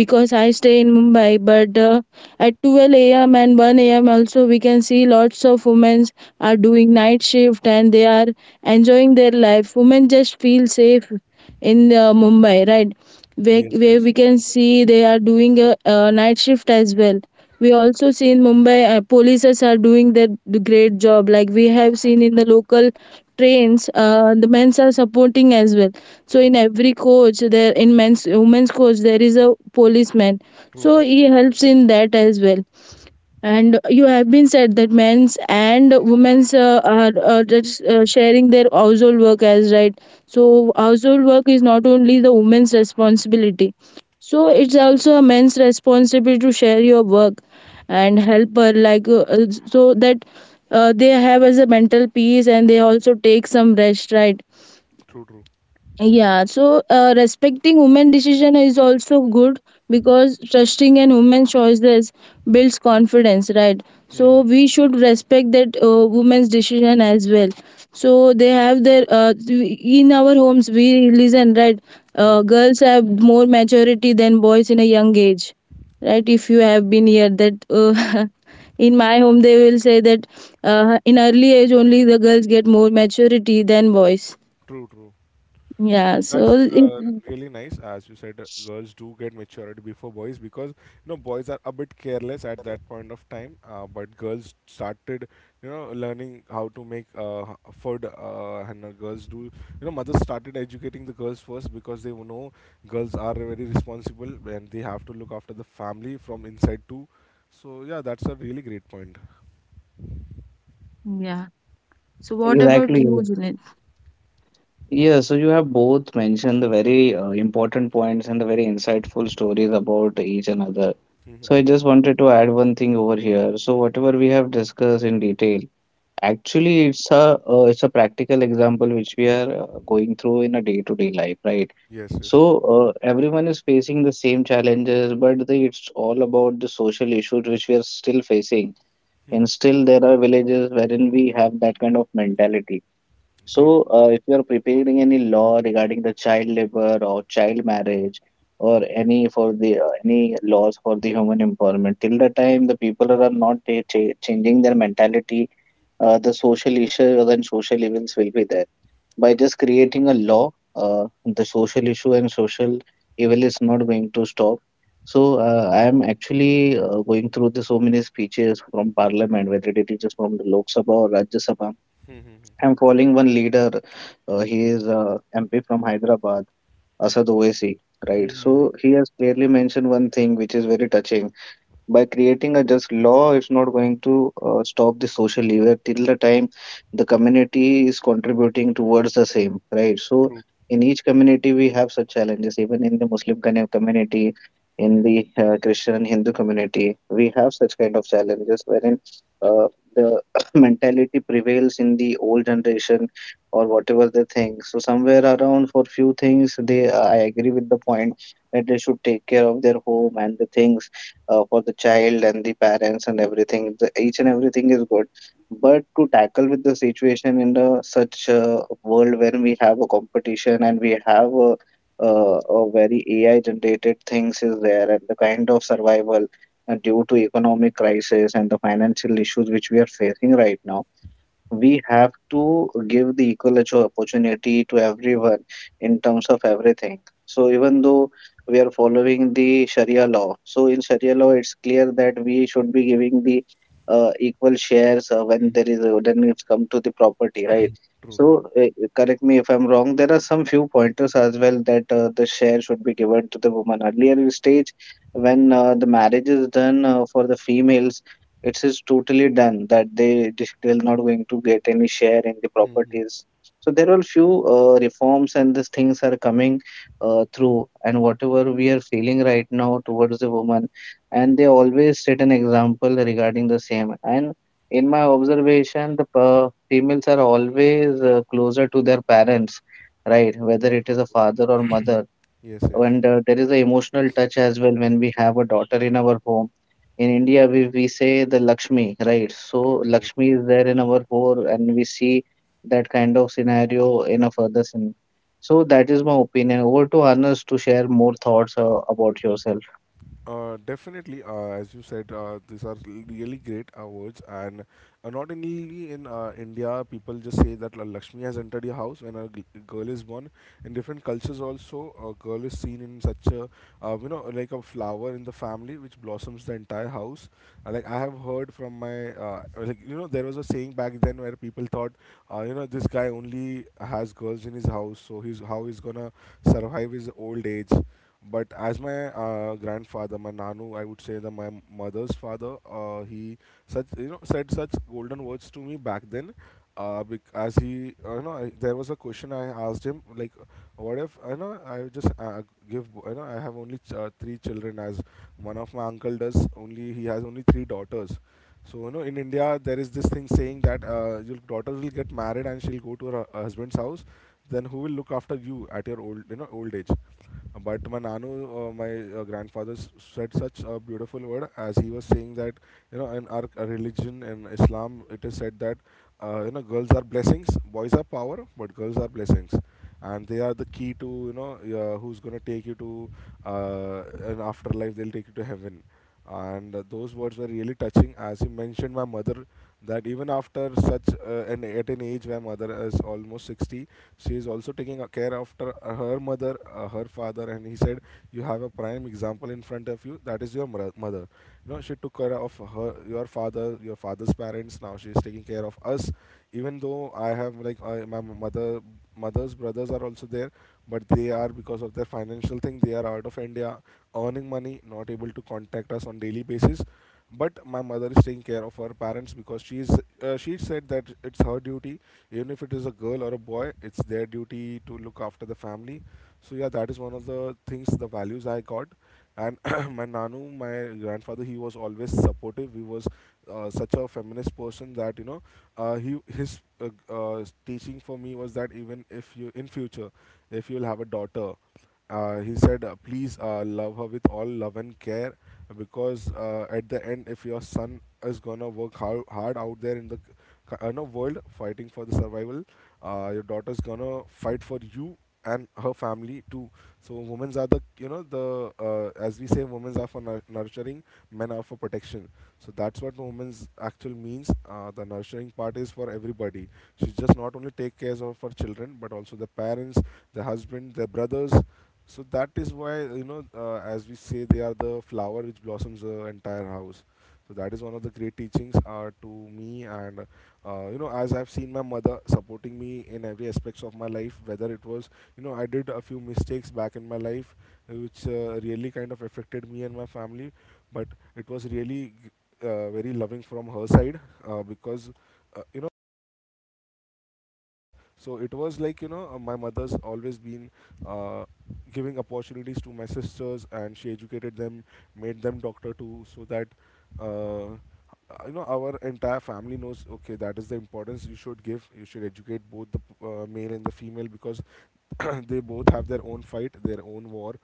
C: because I stay in Mumbai, but at 12 a.m and 1 a.m also we can see lots of women are doing night shift, and they are enjoying their life, women just feel safe in Mumbai, right? Where,
A: Yes,
C: where
A: yes,
C: we can see they are doing a night shift as well. We also see in Mumbai, polices are doing the great job. Like, we have seen in the local trains, the men's are supporting as well. So in every coach, there in men's women's coach there is a policeman.
A: true,
C: So
A: true,
C: he helps in that as well, and you have been said that men's and women's are just sharing their household work as, right? So household work is not only the women's responsibility, so it's also a men's responsibility to share your work and help her, like so that they have as a mental peace and they also take some rest, right?
A: true, true.
C: Yeah, so respecting women' decision is also good, because trusting an woman's choices builds confidence, right?
A: [LAUGHS]
C: So
A: Mhm.
C: we should respect that woman's decision as well. So they have their, in our homes we listen, right?
A: True,
C: Girls have more maturity than boys in a young age, right? If you have been here, that [LAUGHS] in my home they will say that in early age only the girls get more maturity than boys.
A: true, true.
C: Yeah, so
A: That's
C: it, mm,
A: really nice. As you said, girls do get maturity before boys, because boys are a bit careless at that point of time. But girls started, learning how to make food. And girls do, you know, mothers started educating the girls first because they know girls are very responsible and they have to look after the family from inside too. So yeah, that's a really great point.
C: yeah. So what about
B: Exactly.
C: you, Junaid?
B: Yeah, so you have both mentioned the very important points and the very insightful stories about each another. So I
A: Mhm.
B: just wanted to add one thing over here. So whatever we have discussed in detail, actually it's a practical example which we are going through in a day-to-day life, right?
A: Yes, yes.
B: So everyone is facing the same challenges, but it's all about the social issues which we are still facing. And
A: Mhm.
B: still there are villages wherein we have that kind of mentality.
A: True.
B: So, if you are preparing any law regarding the child labor or child marriage or any for the any laws for the human empowerment, till the time the people are not changing their mentality, the social issues and social evils will be there. By
A: True.
B: just creating a law, the social issue and social evil is not going to stop. So, I am actually going through the so many speeches from Parliament, whether it is from the Lok Sabha or Rajya Sabha.
A: Mhm.
B: I'm following one leader. He is MP from Hyderabad, Asad Owaisi, right?
A: Mhm.
B: So he has clearly mentioned one thing which is very touching. By creating a just law, it's not going to stop the social evil till the time the community is contributing towards the same, right? So
A: True.
B: in each community we have such challenges, even in the muslim kind of community, in the christian and hindu community we have such kind of challenges wherein uh, the [COUGHS] [CLEARS THROAT] mentality prevails in the old generation or whatever they think. So somewhere around for few things they, I agree with the point that they should take care of their home and the things for the child and the parents and everything. The, each and everything is good, but to tackle with the situation in the such a world when we have a competition and we have a very AI generated things is there and the kind of survival due to economic crisis and the financial issues which we are facing right now, we have to give the equal opportunity to everyone in terms of everything. So even though we are following the sharia law, so in sharia law it's clear that we should be giving the equal shares when there
A: Mhm.
B: is a, when it's come to the property, right?
A: True.
B: So
A: True.
B: correct me if I'm wrong, there are some few pointers as well that the share should be given to the woman earlier in stage. When the marriage is done for the females, it is totally done that they they're not going to get any share in the
A: Hmm.
B: properties. So there are few reforms and these things are coming through, and whatever we are feeling right now towards the woman, and they always set an example regarding the same. And in my observation, the females are always closer to their parents, right, whether it
A: True,
B: is a
A: true.
B: father or mother.
A: Yes, yes.
B: And there is an emotional touch as well when we have a daughter in our home. In India, we say the Lakshmi, right? So
A: True, true.
B: Lakshmi is there in our home, and we see that kind of scenario in a further scene. So that is my opinion. Over to Anas to share more thoughts about yourself.
A: Definitely. As you said, these are really great awards. And not only in India, people just say that Lakshmi has entered your house when a girl is born. In different cultures, also, a girl is seen in such a, like a flower in the family which blossoms the entire house. Like I have heard from my, there was a saying back then where people thought, this guy only has girls in his house, so he's how he's gonna survive his old age. But as my grandfather, my nanu, I would say, that my mother's father, he such you know said such golden words to me back then. As he, there was a question I asked him, like, what if I just give you know I have only three children. As one of my uncle does, only he has only three daughters. So in India there is this thing saying that your daughter will get married and she'll go to her husband's house, then who will look after you at your old you know old age? But my nanu, my grandfather said such a beautiful word, as he was saying that in our religion, in Islam, it is said that girls are blessings, boys are power, but girls are blessings, and they are the key to, who's going to take you to, uh, an afterlife, they'll take you to heaven. And those words were really touching, as he mentioned my mother, that even after such, an at an age where mother is almost 60, she is also taking a care after her mother, her father. And he said, you have a prime example in front of you, that is your mother. You know she took care of her your father's parents. Now she is taking care of us, even though I have, like, my mothers brothers are also there, but they are, because of their financial thing, they are out of India, earning money, not able to contact us on daily basis. But my mother is taking care of her parents because she said that it's her duty. Even if it is a girl or a boy, it's their duty to look after the family. So yeah, that is one of the things, the values I got. And [CLEARS THROAT] my nanu, my grandfather, he was always supportive. He was such a feminist person, that he teaching for me was that, even if you in future, if you'll have a daughter, he said, please love her with all love and care, because at the end, if your son is gonna work hard, hard out there in the no world, fighting for the survival. Your daughter's gonna fight for you, and her family too. So women's are the you know the as we say, women's are for nurturing, men are for protection. So that's what women's actual means. The nurturing part is for everybody. She just not only take care of her children but also the parents, the husband, their brothers. So that is why as we say, they are the flower which blossoms the entire house. So that is one of the great teachings, to me. And as I've seen my mother supporting me in every aspects of my life, whether it was, I did a few mistakes back in my life, which really kind of affected me and my family. But it was really very loving from her side. Because, uh, you know so it was like, my mother's always been, uh, giving opportunities to my sisters, and she educated them, made them doctor too, so that, uh, our entire family knows, okay, that is the importance, you should give, you should educate both the male and the female, because [CLEARS THROAT] they both have their own fight, their own war,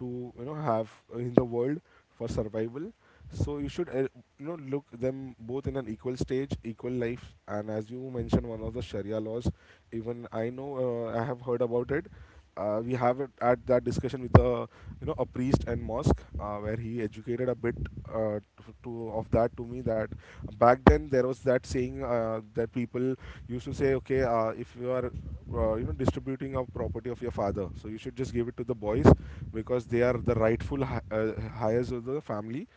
A: to have in the world for survival. So you should, look them both in an equal stage, equal life. And as you mentioned one of the sharia laws, even I know, I have heard about it. We have it at that discussion with a, a priest and mosque, where he educated a bit, to of that, to me, that back then there was that saying, that people used to say, okay, if you are, distributing a property of your father, so you should just give it to the boys, because they are the rightful heirs of the family.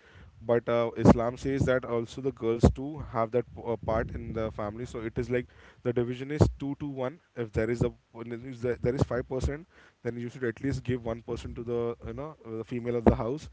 A: But Islam says that also the girls too have that part in the family. So it is like, the division is 2 to 1, if there is a if there there is 5%, then you should at least give 1% to the, the female of the house.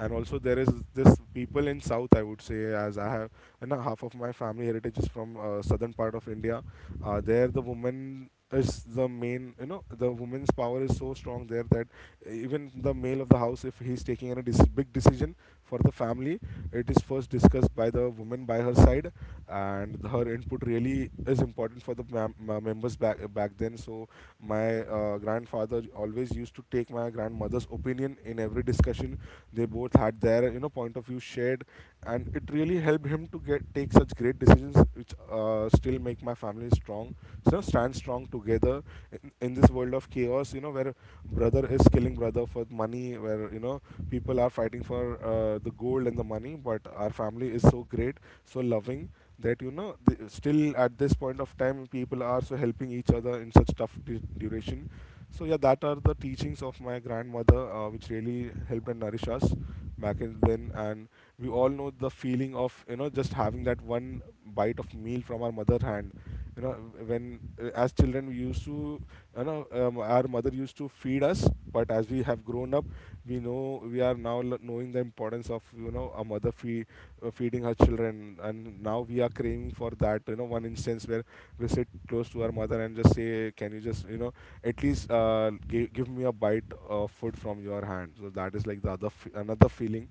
A: And also there is this people in south, I would say, as I have, half of my family heritage is from southern part of India. There the woman is the main, the woman's power is so strong there, that even the male of the house, if he's taking any big decision for the family, it is first discussed by the woman, by her side, and her input really is important for the members back then. So my grandfather always used to take my grandmother's opinion in every discussion. They both had their, point of view shared, and it really helped him to get take such great decisions, which still make my family strong. So stand strong together, in this world of chaos. You know, where brother is killing brother for money, where people are fighting for the gold and the money. But our family is so great, so loving, that still at this point of time people are so helping each other in such tough duration. So yeah, that are the teachings of my grandmother, which really helped and nourished us back in then. And we all know the feeling of just having that one bite of meal from our mother hand. You know, when as children we used to, our mother used to feed us. But as we have grown up, we know we are now knowing the importance of a mother feed, feeding her children, and now we are craving for that. You know, one instance where we sit close to our mother and just say, "Can you just? At least give me a bite of food from your hand, so that is like another feeling,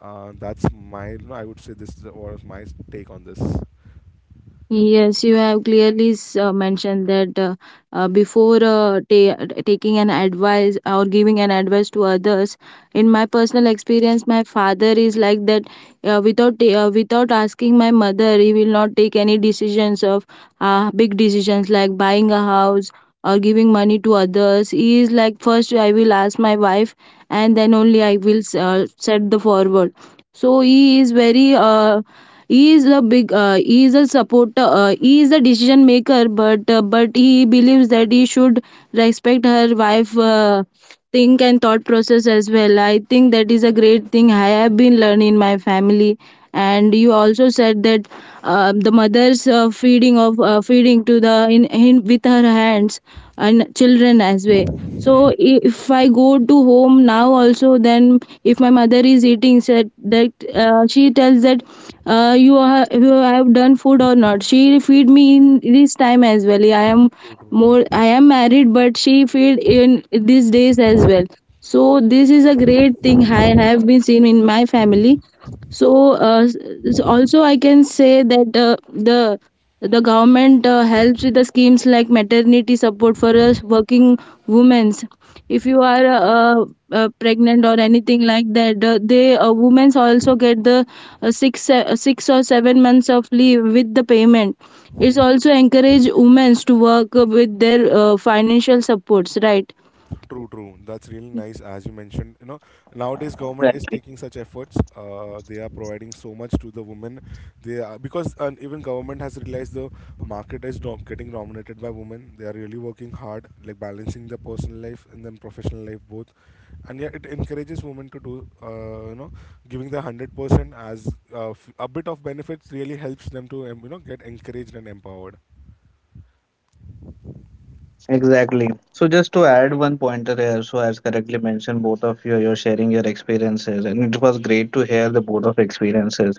A: that's my no, I would say this is what is my take on this.
C: Yes, you have clearly mentioned that before taking an advice or giving an advice to others. In my personal experience, my father is like that, without asking my mother he will not take any decisions of, big decisions like buying a house or giving money to others. He is like, first I will ask my wife and then only I will set the forward. So he is very, he is a big, he is a supporter, he is a decision maker, but but he believes that he should respect her wife, think and thought process as well. I think that is a great thing I have been learning in my family. And you also said that the mother's, feeding to the in with her hands, and children as well. So if I go to home now also, then if my mother is eating, said that she tells that you have done food or not. She feed me in this time as well. I am
A: True, true.
C: more i am married, but she feed in these days as well. So this is a great thing I have been seen in my family. So also I can say that the the government helps with the schemes like maternity support for us working women. If you are pregnant or anything like that, they women also get the 6 6 or 7 months of leave with the payment. It's
A: Hmm.
C: also encourage women to work with their financial supports, right?
A: True, true. That's really nice, as you mentioned. Nowadays government is
B: Right.
A: taking such efforts. They are providing so much to the women. They are, because even government has realized the market is getting dominated by women. They are really working hard, like balancing their personal life and then professional life both. And yeah, it encourages women to do, giving the 100% as a bit of benefits really helps them to, get encouraged and empowered.
B: Exactly. So just to add one pointer here, so as correctly mentioned, both of you, you're sharing your experiences, and it was great to hear the both of experiences.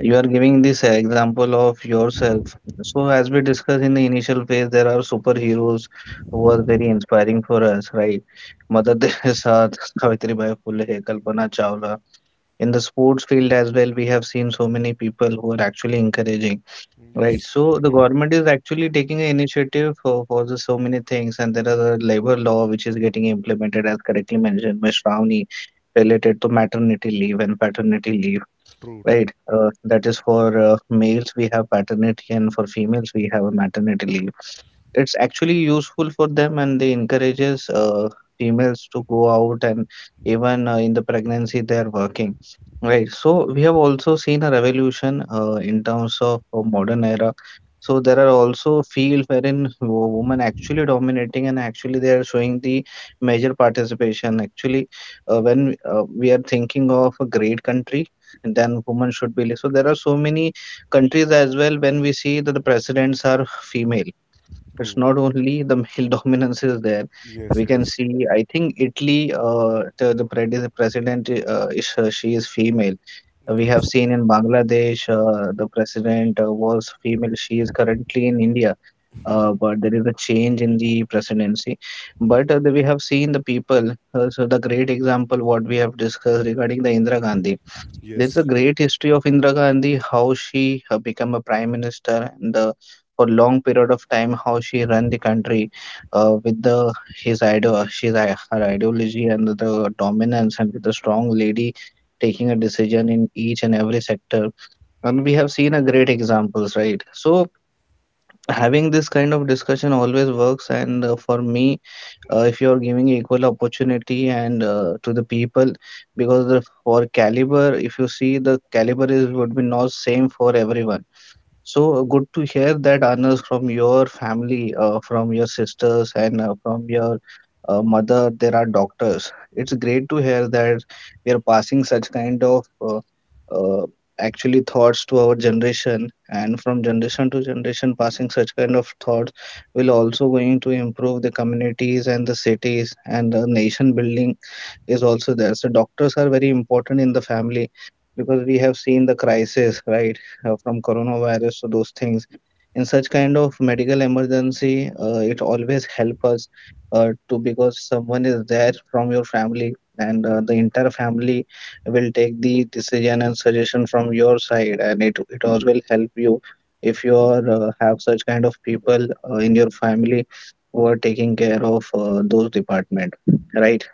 B: You are giving this example of yourself. So as we discussed in the initial phase, there are superheroes who are very inspiring for us, right? Mother [LAUGHS] Teresa, Savitribai Phule, Kalpana Chawla. In the sports field as well, we have seen so many people who are actually encouraging. Right.
A: Yes.
B: So the
A: Mhm.
B: government is actually taking an initiative for the so many things, and there are a labor law which is getting implemented, as correctly mentioned by Shravani, related to maternity leave and paternity leave.
A: True, true,
B: Right. That is for males we have paternity, and for females we have a maternity leave. It's actually useful for them, and they encourages females to go out, and even in the pregnancy they are working, right? So we have also seen a revolution in terms of modern era. So there are also fields wherein women actually dominating and actually they are showing the major participation actually. When we are thinking of a great country, then women should be. So there are so many countries as well when we see that the presidents are female. It's
A: true.
B: not only the male [LAUGHS] dominance is there.
A: Yes,
B: We can
A: yes.
B: see, I think Italy, the president, is, she is female. We have
A: Yes.
B: seen in Bangladesh, the president was female. She is currently in India,
A: Mhm.
B: but there is a change in the presidency. But we have seen the people. So the great example what we have discussed regarding the Indira Gandhi, there's a
A: Yes.
B: great history of Indira Gandhi, how she became a prime minister, and for long period of time, how she ran the country with the his idol, she's her ideology and the dominance, and with a strong lady taking a decision in each and every sector. And we have seen a great examples, right? So having this kind of discussion always works, and for me, if you're giving equal opportunity and to the people, because for caliber, if you see, the caliber is would be not same for everyone. So good to hear that, Anas, from your family, from your sisters, and from your mother, there are doctors. It's great to hear that we are passing such kind of uh, actually thoughts to our generation, and from generation to generation, passing such kind of thoughts will also going to improve the communities and the cities, and the nation building is also there. So doctors are very important in the family, because we have seen the crisis, right, from coronavirus to those things. In such kind of medical emergency, it always help us to, because someone is there from your family, and the entire family will take the decision and suggestion from your side, and it all will help you if you are, have such kind of people in your family who are taking care of those department, right?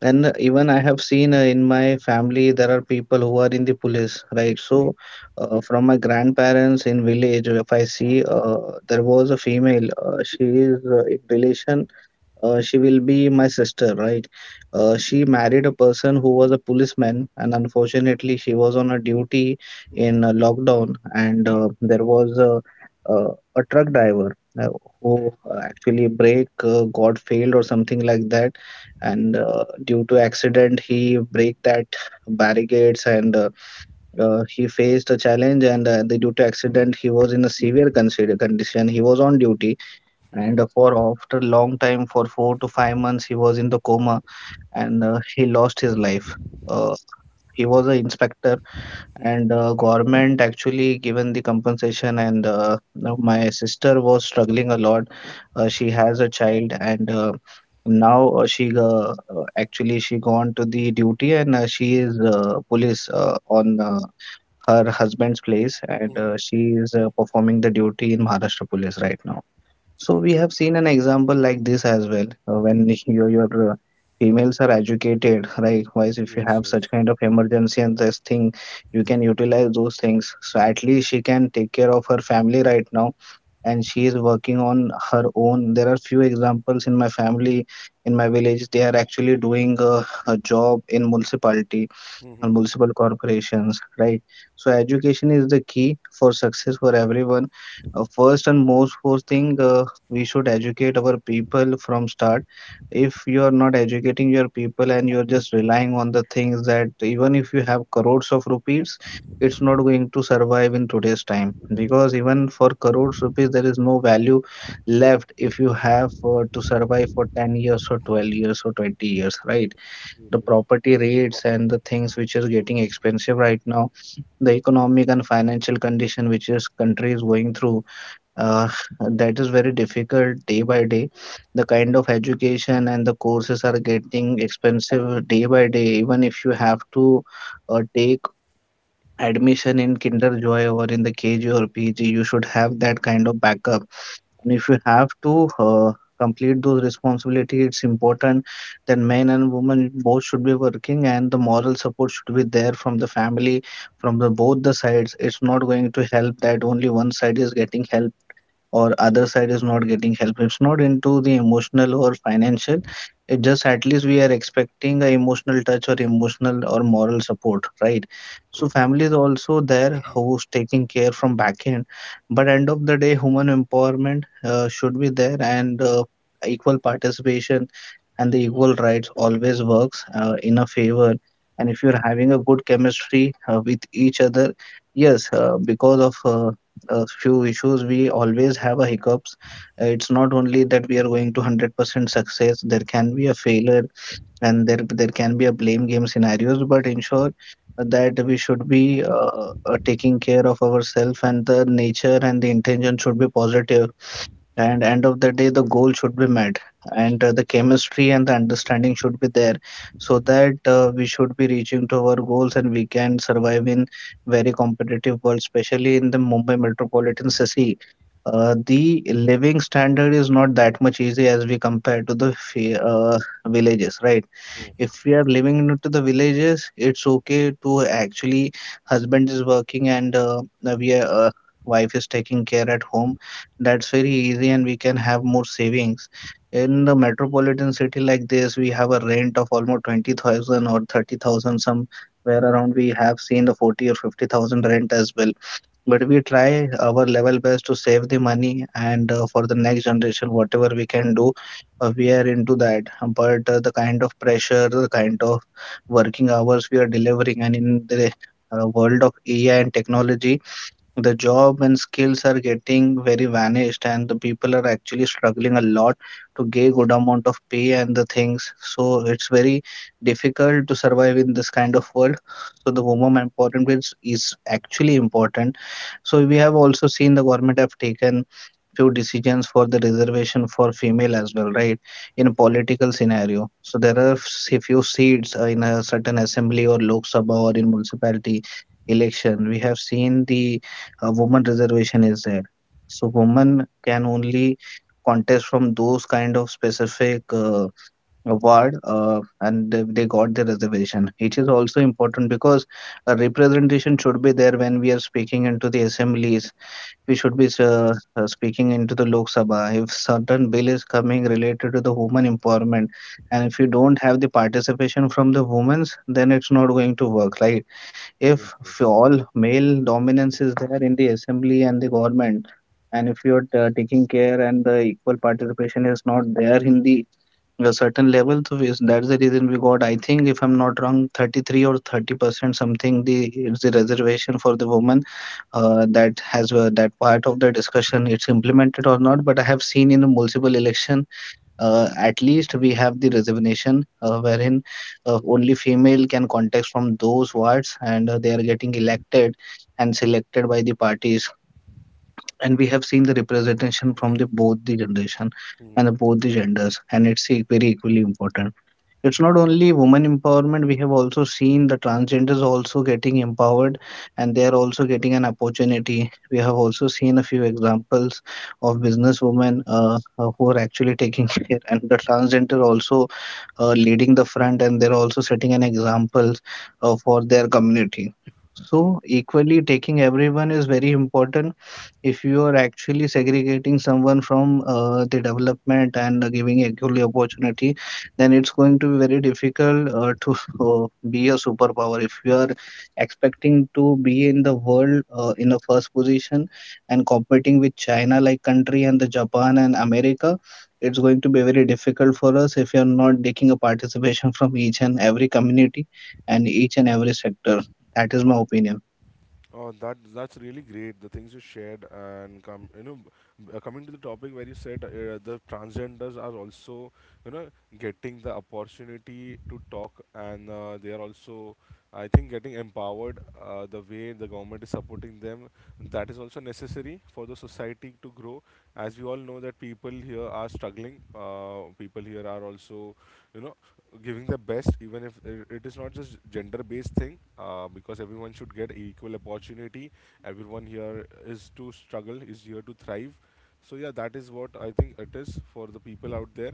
B: And even I have seen in my family there are people who are in the police, right? So, from my grandparents in village, if I see there was a female, she is in relation, she will be my sister, right? She married a person who was a policeman, and unfortunately, she was on a duty in a lockdown, and there was a truck driver uh, who actually brake got failed or something like that, and due to accident, he break that barricades and he faced a challenge, and due to accident, he was in a severe consider condition. He was on duty,
A: Mhm.
B: and for after a long time for 4 to 5 months he was in the coma, and he lost his life. uh, he was an inspector,
A: Mhm.
B: and government actually given the compensation, and now my sister was struggling a lot. She has a child, and now she actually she gone to the duty, and she is police on her husband's place, and
A: Mhm.
B: she is performing the duty in Maharashtra police right now. So we have seen an example like this as well. When your females are educated, likewise, if you
A: Yes,
B: have such
A: yes.
B: kind of emergency and this thing, you can utilize those things. So at least she can take care of her family right now, and she is working on her own. There are few examples in my family, in my village. They are actually doing a job in municipality
A: Mhm.
B: and multiple corporations, right? So education is the key for success for everyone. First and most first thing, we should educate our people from start. If you are not educating your people and you are just relying on the things, that even if you have crores of rupees, it's not going to survive in today's time, because even for crores rupees there is no value left if you have to survive for 10 years or 12 years or 20 years, right? The property rates and the things which is getting expensive right now, the economic and financial condition which is country is going through, uh, that is very difficult day by day. The kind of education and the courses are getting expensive day by day. Even if you have to take admission in Kinder Joy or in the KG or PG, you should have that kind of backup. And if you have to complete those responsibilities, it's important that men and women both should be working, and the moral support should be there from the family, from the both the sides. It's not going to help that only one side is getting help or other side is not getting help. It's not into the emotional or financial, it just at least we are expecting a emotional touch or emotional or moral support, right? So
A: True, true.
B: family is also there who's taking care from back end, but end of the day human empowerment should be there, and equal participation and the equal rights always works in a favor. And if you're having a good chemistry with each other, yes, because of few issues we always have a hiccups. It's not only that we are going to 100% success, there can be a failure, and there can be a blame game scenarios, but ensure that we should be taking care of ourselves, and the nature and the intention should be positive, and end of the day the goal should be met, and the chemistry and the understanding should be there, so that we should be reaching to our goals and we can survive in very competitive world, especially in the Mumbai metropolitan city. The living standard is not that much easy as we compare to the villages, right?
A: True.
B: If we are living into the villages, it's okay to actually husband is working, and we are wife is taking care at home. That's very easy and we can have more savings. In the metropolitan city like this, we have a rent of almost 20,000 or 30,000, somewhere around we have seen the 40 or 50,000 rent as well. But we try our level best to save the money, and for the next generation, whatever we can do, we are into that. But the kind of pressure, the kind of working hours we are delivering, and in the world of AI and technology, the job and skills are getting very vanished, and the people are actually struggling a lot to get good amount of pay and the things. So it's very difficult to survive in this kind of world. So the woman empowerment is actually important. So we have also seen the government have taken few decisions for the reservation for female as well, right? In
A: Mhm.
B: political scenario, so there are few seats in a certain assembly or Lok Sabha or in municipality election. We have seen the a woman reservation is there, so women can only contest from those kind of specific award, and they got the reservation, which is also important, because a representation should be there. When we are speaking into the assemblies, we should be speaking into the Lok Sabha if certain bill is coming related to the woman empowerment. And if you don't have the participation from the women's, then it's not going to work, right?
A: Yes,
B: If
A: yes.
B: all male dominance is there in the assembly and the government, and if you're taking care and the equal participation is not there in the a certain level, so is, that's the reason we got, I think, if I'm not wrong, 33 or 30% something, the it's the reservation for the woman. That has that part of the discussion, it's implemented or not, but I have seen in a multiple election at least we have the reservation, wherein only female can contest from those wards, and they are getting elected and selected by the parties, and we have seen the representation from the both the generation,
A: Mhm.
B: and both the genders, and it's very equally important. It's not only women empowerment, we have also seen the transgenders also getting empowered, and they are also getting an opportunity. We have also seen a few examples of businesswomen, who are actually taking [LAUGHS] care, and the transgender also leading the front, and they're also setting an example for their community.
A: True,
B: So equally taking everyone is very important. If you are actually segregating someone from the development and giving equally opportunity, then it's going to be very difficult to [LAUGHS] be a superpower if you are expecting to be in the world in the first position and competing with China like country, and the Japan and America. It's
A: true.
B: going to be very difficult for us if you're not taking a participation [LAUGHS] from each and every community and each and every sector. That is my opinion.
A: Oh, that that's really great. The things you shared, and come, coming to the topic where you said the transgenders are also, you know, getting the opportunity to talk, and they are also, I think, getting empowered. The way the government is supporting them, that is also necessary for the society to grow. As we all know that people here are struggling. People here are also, you know giving the best, even if I- it is not just gender based thing, because everyone should get equal opportunity. Everyone here is to struggle, is here to thrive. So yeah, that is what I think it is for the people out there.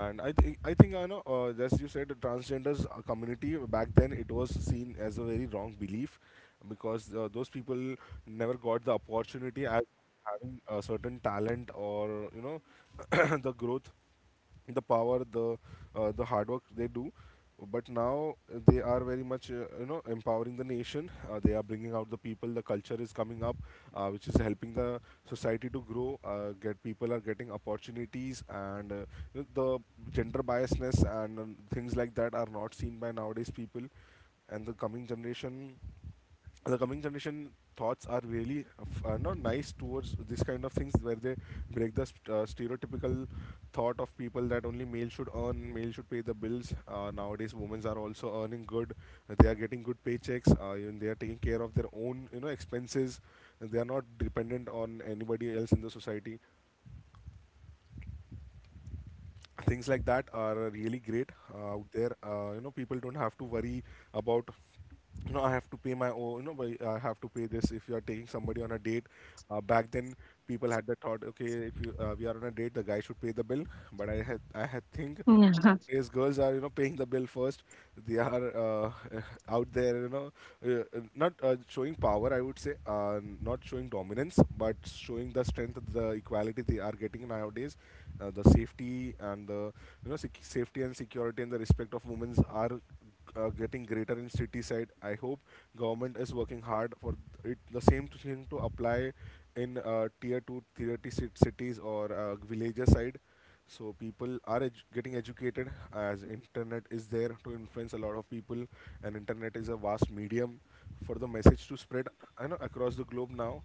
A: And I think I know, as you said, the transgenders community back then, it was seen as a very wrong belief, because those people never got the opportunity as having a certain talent or you know [COUGHS] [CLEARS THROAT] the growth, the power, the hard work they do. But now they are very much, empowering the nation. They are bringing out the people. The culture is coming up, which is helping the society to grow. Get people are getting opportunities, and you know, the gender biasness and things like that are not seen by nowadays people. And the coming generation thoughts are really not nice towards this kind of things, where they break the stereotypical thought of people that only male should earn, male should pay the bills. Nowadays women are also earning good. They are getting good paychecks, even they are taking care of their own, expenses. They are not dependent on anybody else in the society. Things like that are really great out there. People don't have to worry about, I have to pay my own, why I have to pay this if you are taking somebody on a date. Back then, people had the thought, okay, if you we are on a date, the guy should pay the bill. But I had think.
C: Yeah,
A: Nowadays, girls are paying the bill first. They are [LAUGHS] out there, you know, not showing power. I would say, not showing dominance, but showing the strength, the equality they are getting nowadays. The safety and the safety and security and the respect of women's are getting greater in city side. I hope government is working hard for it. The same thing to apply in tier two, tier three cities, or villages side. So people are getting educated, as internet is there to influence a lot of people, and internet is a vast medium for the message to spread, across the globe now.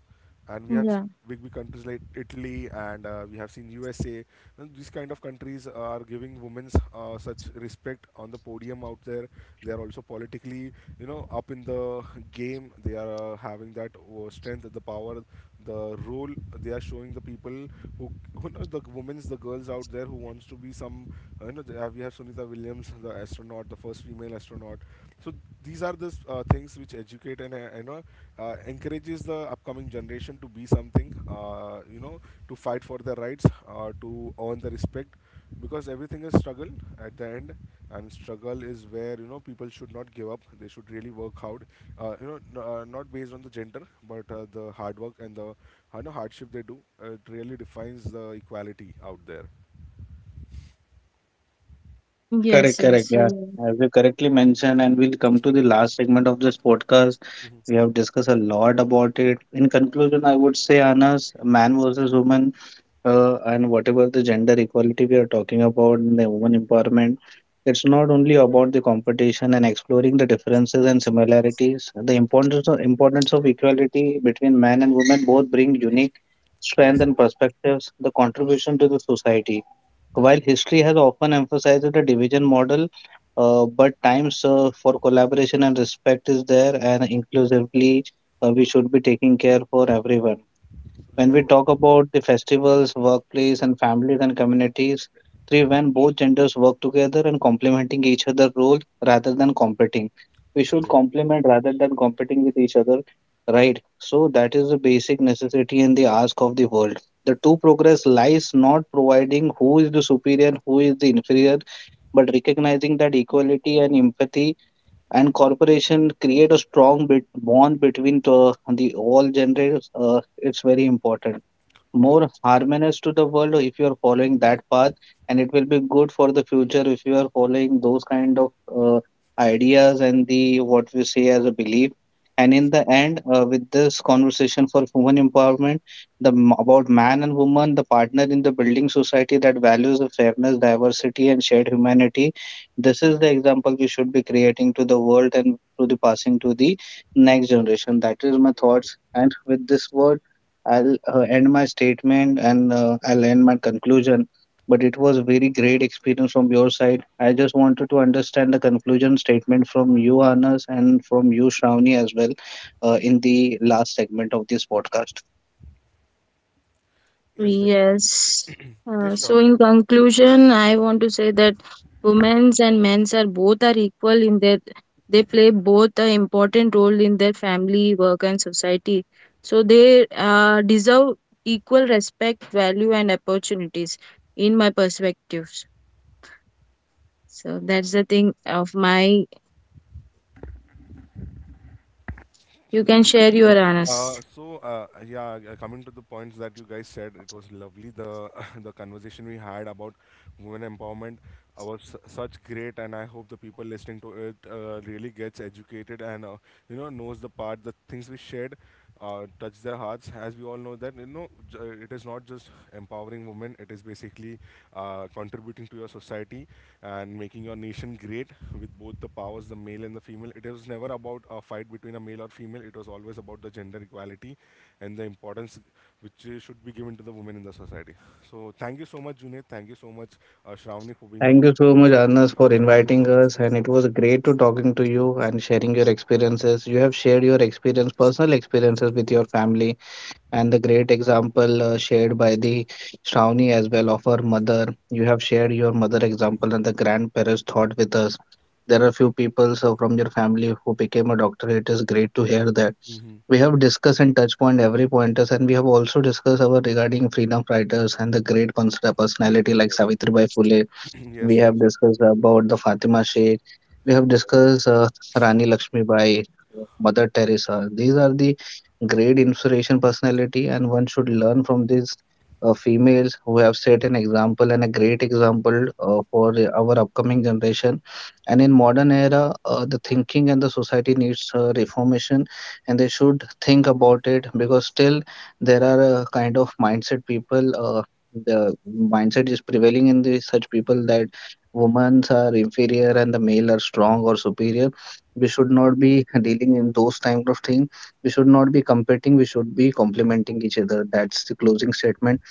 A: And we have seen
C: yeah,
A: big big countries like Italy, and we have seen USA and these kind of countries are giving women's such respect on the podium out there. They are also politically, up in the game. They are having that strength, the power, the role. They are showing the people who, who know, the women's, the girls out there who wants to be some, we have Sunita Williams, the astronaut, the first female astronaut. So these are the things which educate and encourages the upcoming generation to be something, to fight for their rights, to earn the respect, because everything is struggle at the end. And struggle is where, people should not give up, they should really work hard, not based on the gender, but the hard work and the, hardship they do, it really defines the equality out there.
C: yes,
B: Correct, correct.
C: yes,
B: Yeah,
C: you,
B: as you correctly mentioned, and we'll come to the last segment of this podcast. We have discussed a lot about it. In conclusion, I would say, Anas, man versus woman, and whatever the gender equality we are talking about, and the woman empowerment, it's not only about the competition and exploring the differences and similarities. The importance of equality between man and woman both bring unique strength
A: Yes,
B: and
A: yes.
B: perspectives, the contribution to the society. While history has often emphasized the division model, but times for collaboration and respect is there, and inclusively, we should be taking care for everyone.
A: It's
B: When we
A: true,
B: talk
A: true,
B: about the festivals, workplace, and families and communities, three when both genders work together and complementing each other role rather than competing. We should
A: true,
B: complement rather than competing with each other, right? So that is the basic necessity and the ask of the world. The true progress lies not providing who is the superior and who is the inferior, but recognizing that equality and empathy and cooperation create a strong bit bond between the all genders. It's very important
A: true.
B: more harmonious to the world if you are following that path, and it will be good for the future if you are following those kind of ideas, and the what we say as a belief. And in the end with this conversation for human empowerment, the about man and woman, the partner in the building society that values the fairness diversity and shared humanity. This is the example we should be creating to the world and to the passing to the next generation. That is my thoughts, and with this word I'll end my statement and I'll end my conclusion. But it was a very great experience from your side. I just wanted to understand the conclusion statement from you, Anas, and from you, Shravani, as well, in the last segment of this podcast.
A: Yes, definitely.
C: yes.
A: Yes,
C: So,
A: Shravani,
C: in
A: go.
C: conclusion, I want to say that women's and men's are both are equal in that they play both an important role in their family, work, and society. So they deserve equal respect, value, and opportunities, in my perspectives. So that's the thing of my. You can
A: True, true.
C: share your honors.
A: Yeah, coming to the points that you guys said, it was lovely, the [LAUGHS] the conversation we had about women empowerment was such great, and I hope the people listening to it really gets educated and, knows the part, the things we shared. Touch their hearts, as we all know that, it is not just empowering women, it is basically contributing to your society, and making your nation great with both the powers, the male and the female. It was never about a fight between a male or female. It was always about the gender equality and the importance which should be given to the women in the society. So thank you so much, Junaid, thank you so much, Shravani, for being on
B: Thank you so
A: the
B: much,
A: podcast,
B: Anas, for
A: sharing your
B: inviting
A: thoughts.
B: us. And it was great to talking to you and sharing your experiences. You have shared your experience, personal experiences with your family, and the great example shared by the Shravani as well of her mother. You have shared your mother example and the grandparents thought with us. There are few people so from your family who became a doctor. It is great to hear that.
A: Hmm.
B: We have discussed and touched point every pointers, and we have also discussed our regarding freedom fighters and the great personality like Savitri Bai Phule.
A: Yes. [CLEARS THROAT]
B: We
A: Yes,
B: have
A: yes.
B: discussed about the Fatima Sheikh. We have
A: Yes.
B: discussed Rani Lakshmi Bai, Mother Teresa. These are the great inspiration personality, and one should learn from these females who have set an example, and a great example for the- our upcoming generation. And in modern era, the thinking and the society needs reformation, and they should think about it, because still there are a kind of mindset people. The mindset is prevailing in the such people that women are inferior and the male are strong or superior. We should not be dealing in those kind of thing, we should not be competing, we should be complementing each other. That's the closing statement.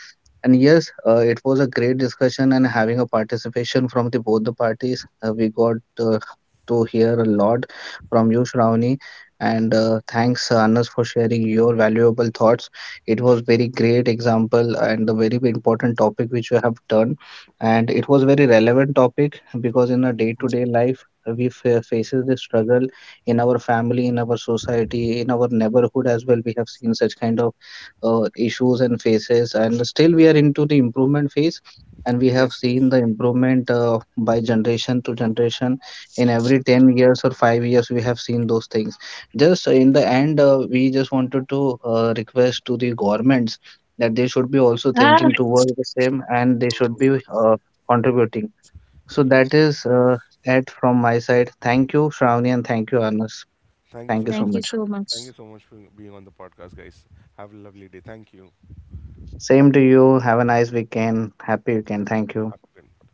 B: And yes, it was a great discussion, and having a participation from the both the parties. We got to hear a lot from you, Shravani, and thanks, Anas, for sharing your valuable thoughts. It was very great example and a very important topic which you have done, and it was very relevant topic, because in our
A: True.
B: day-to-day life we faces the struggle in our family, in our society, in our neighborhood as well. We have seen such kind of issues and phases, and still we are into the improvement phase, and we have
A: Yes,
B: seen
A: yes.
B: the improvement by generation to generation. In every 10 years or 5 years we have seen those things. Just in the end we just wanted to request to the governments that they should be also
C: Ah,
B: thinking towards the same, and they
A: True,
B: should
A: true.
B: be uh, contributing. So
A: Ye-
B: that
A: Yes,
B: is
A: yes.
B: it from my side. Thank you, Shravani, and thank you, Anas.
A: Thank you
B: Thank
A: so
B: you so
A: much.
C: Thank you
B: much.
C: so
A: Thank
C: much.
A: you so much for being on the podcast, guys. Have a lovely day. Thank you.
B: Same to you. Have a nice weekend. Happy weekend. Thank you.
A: Have a good one.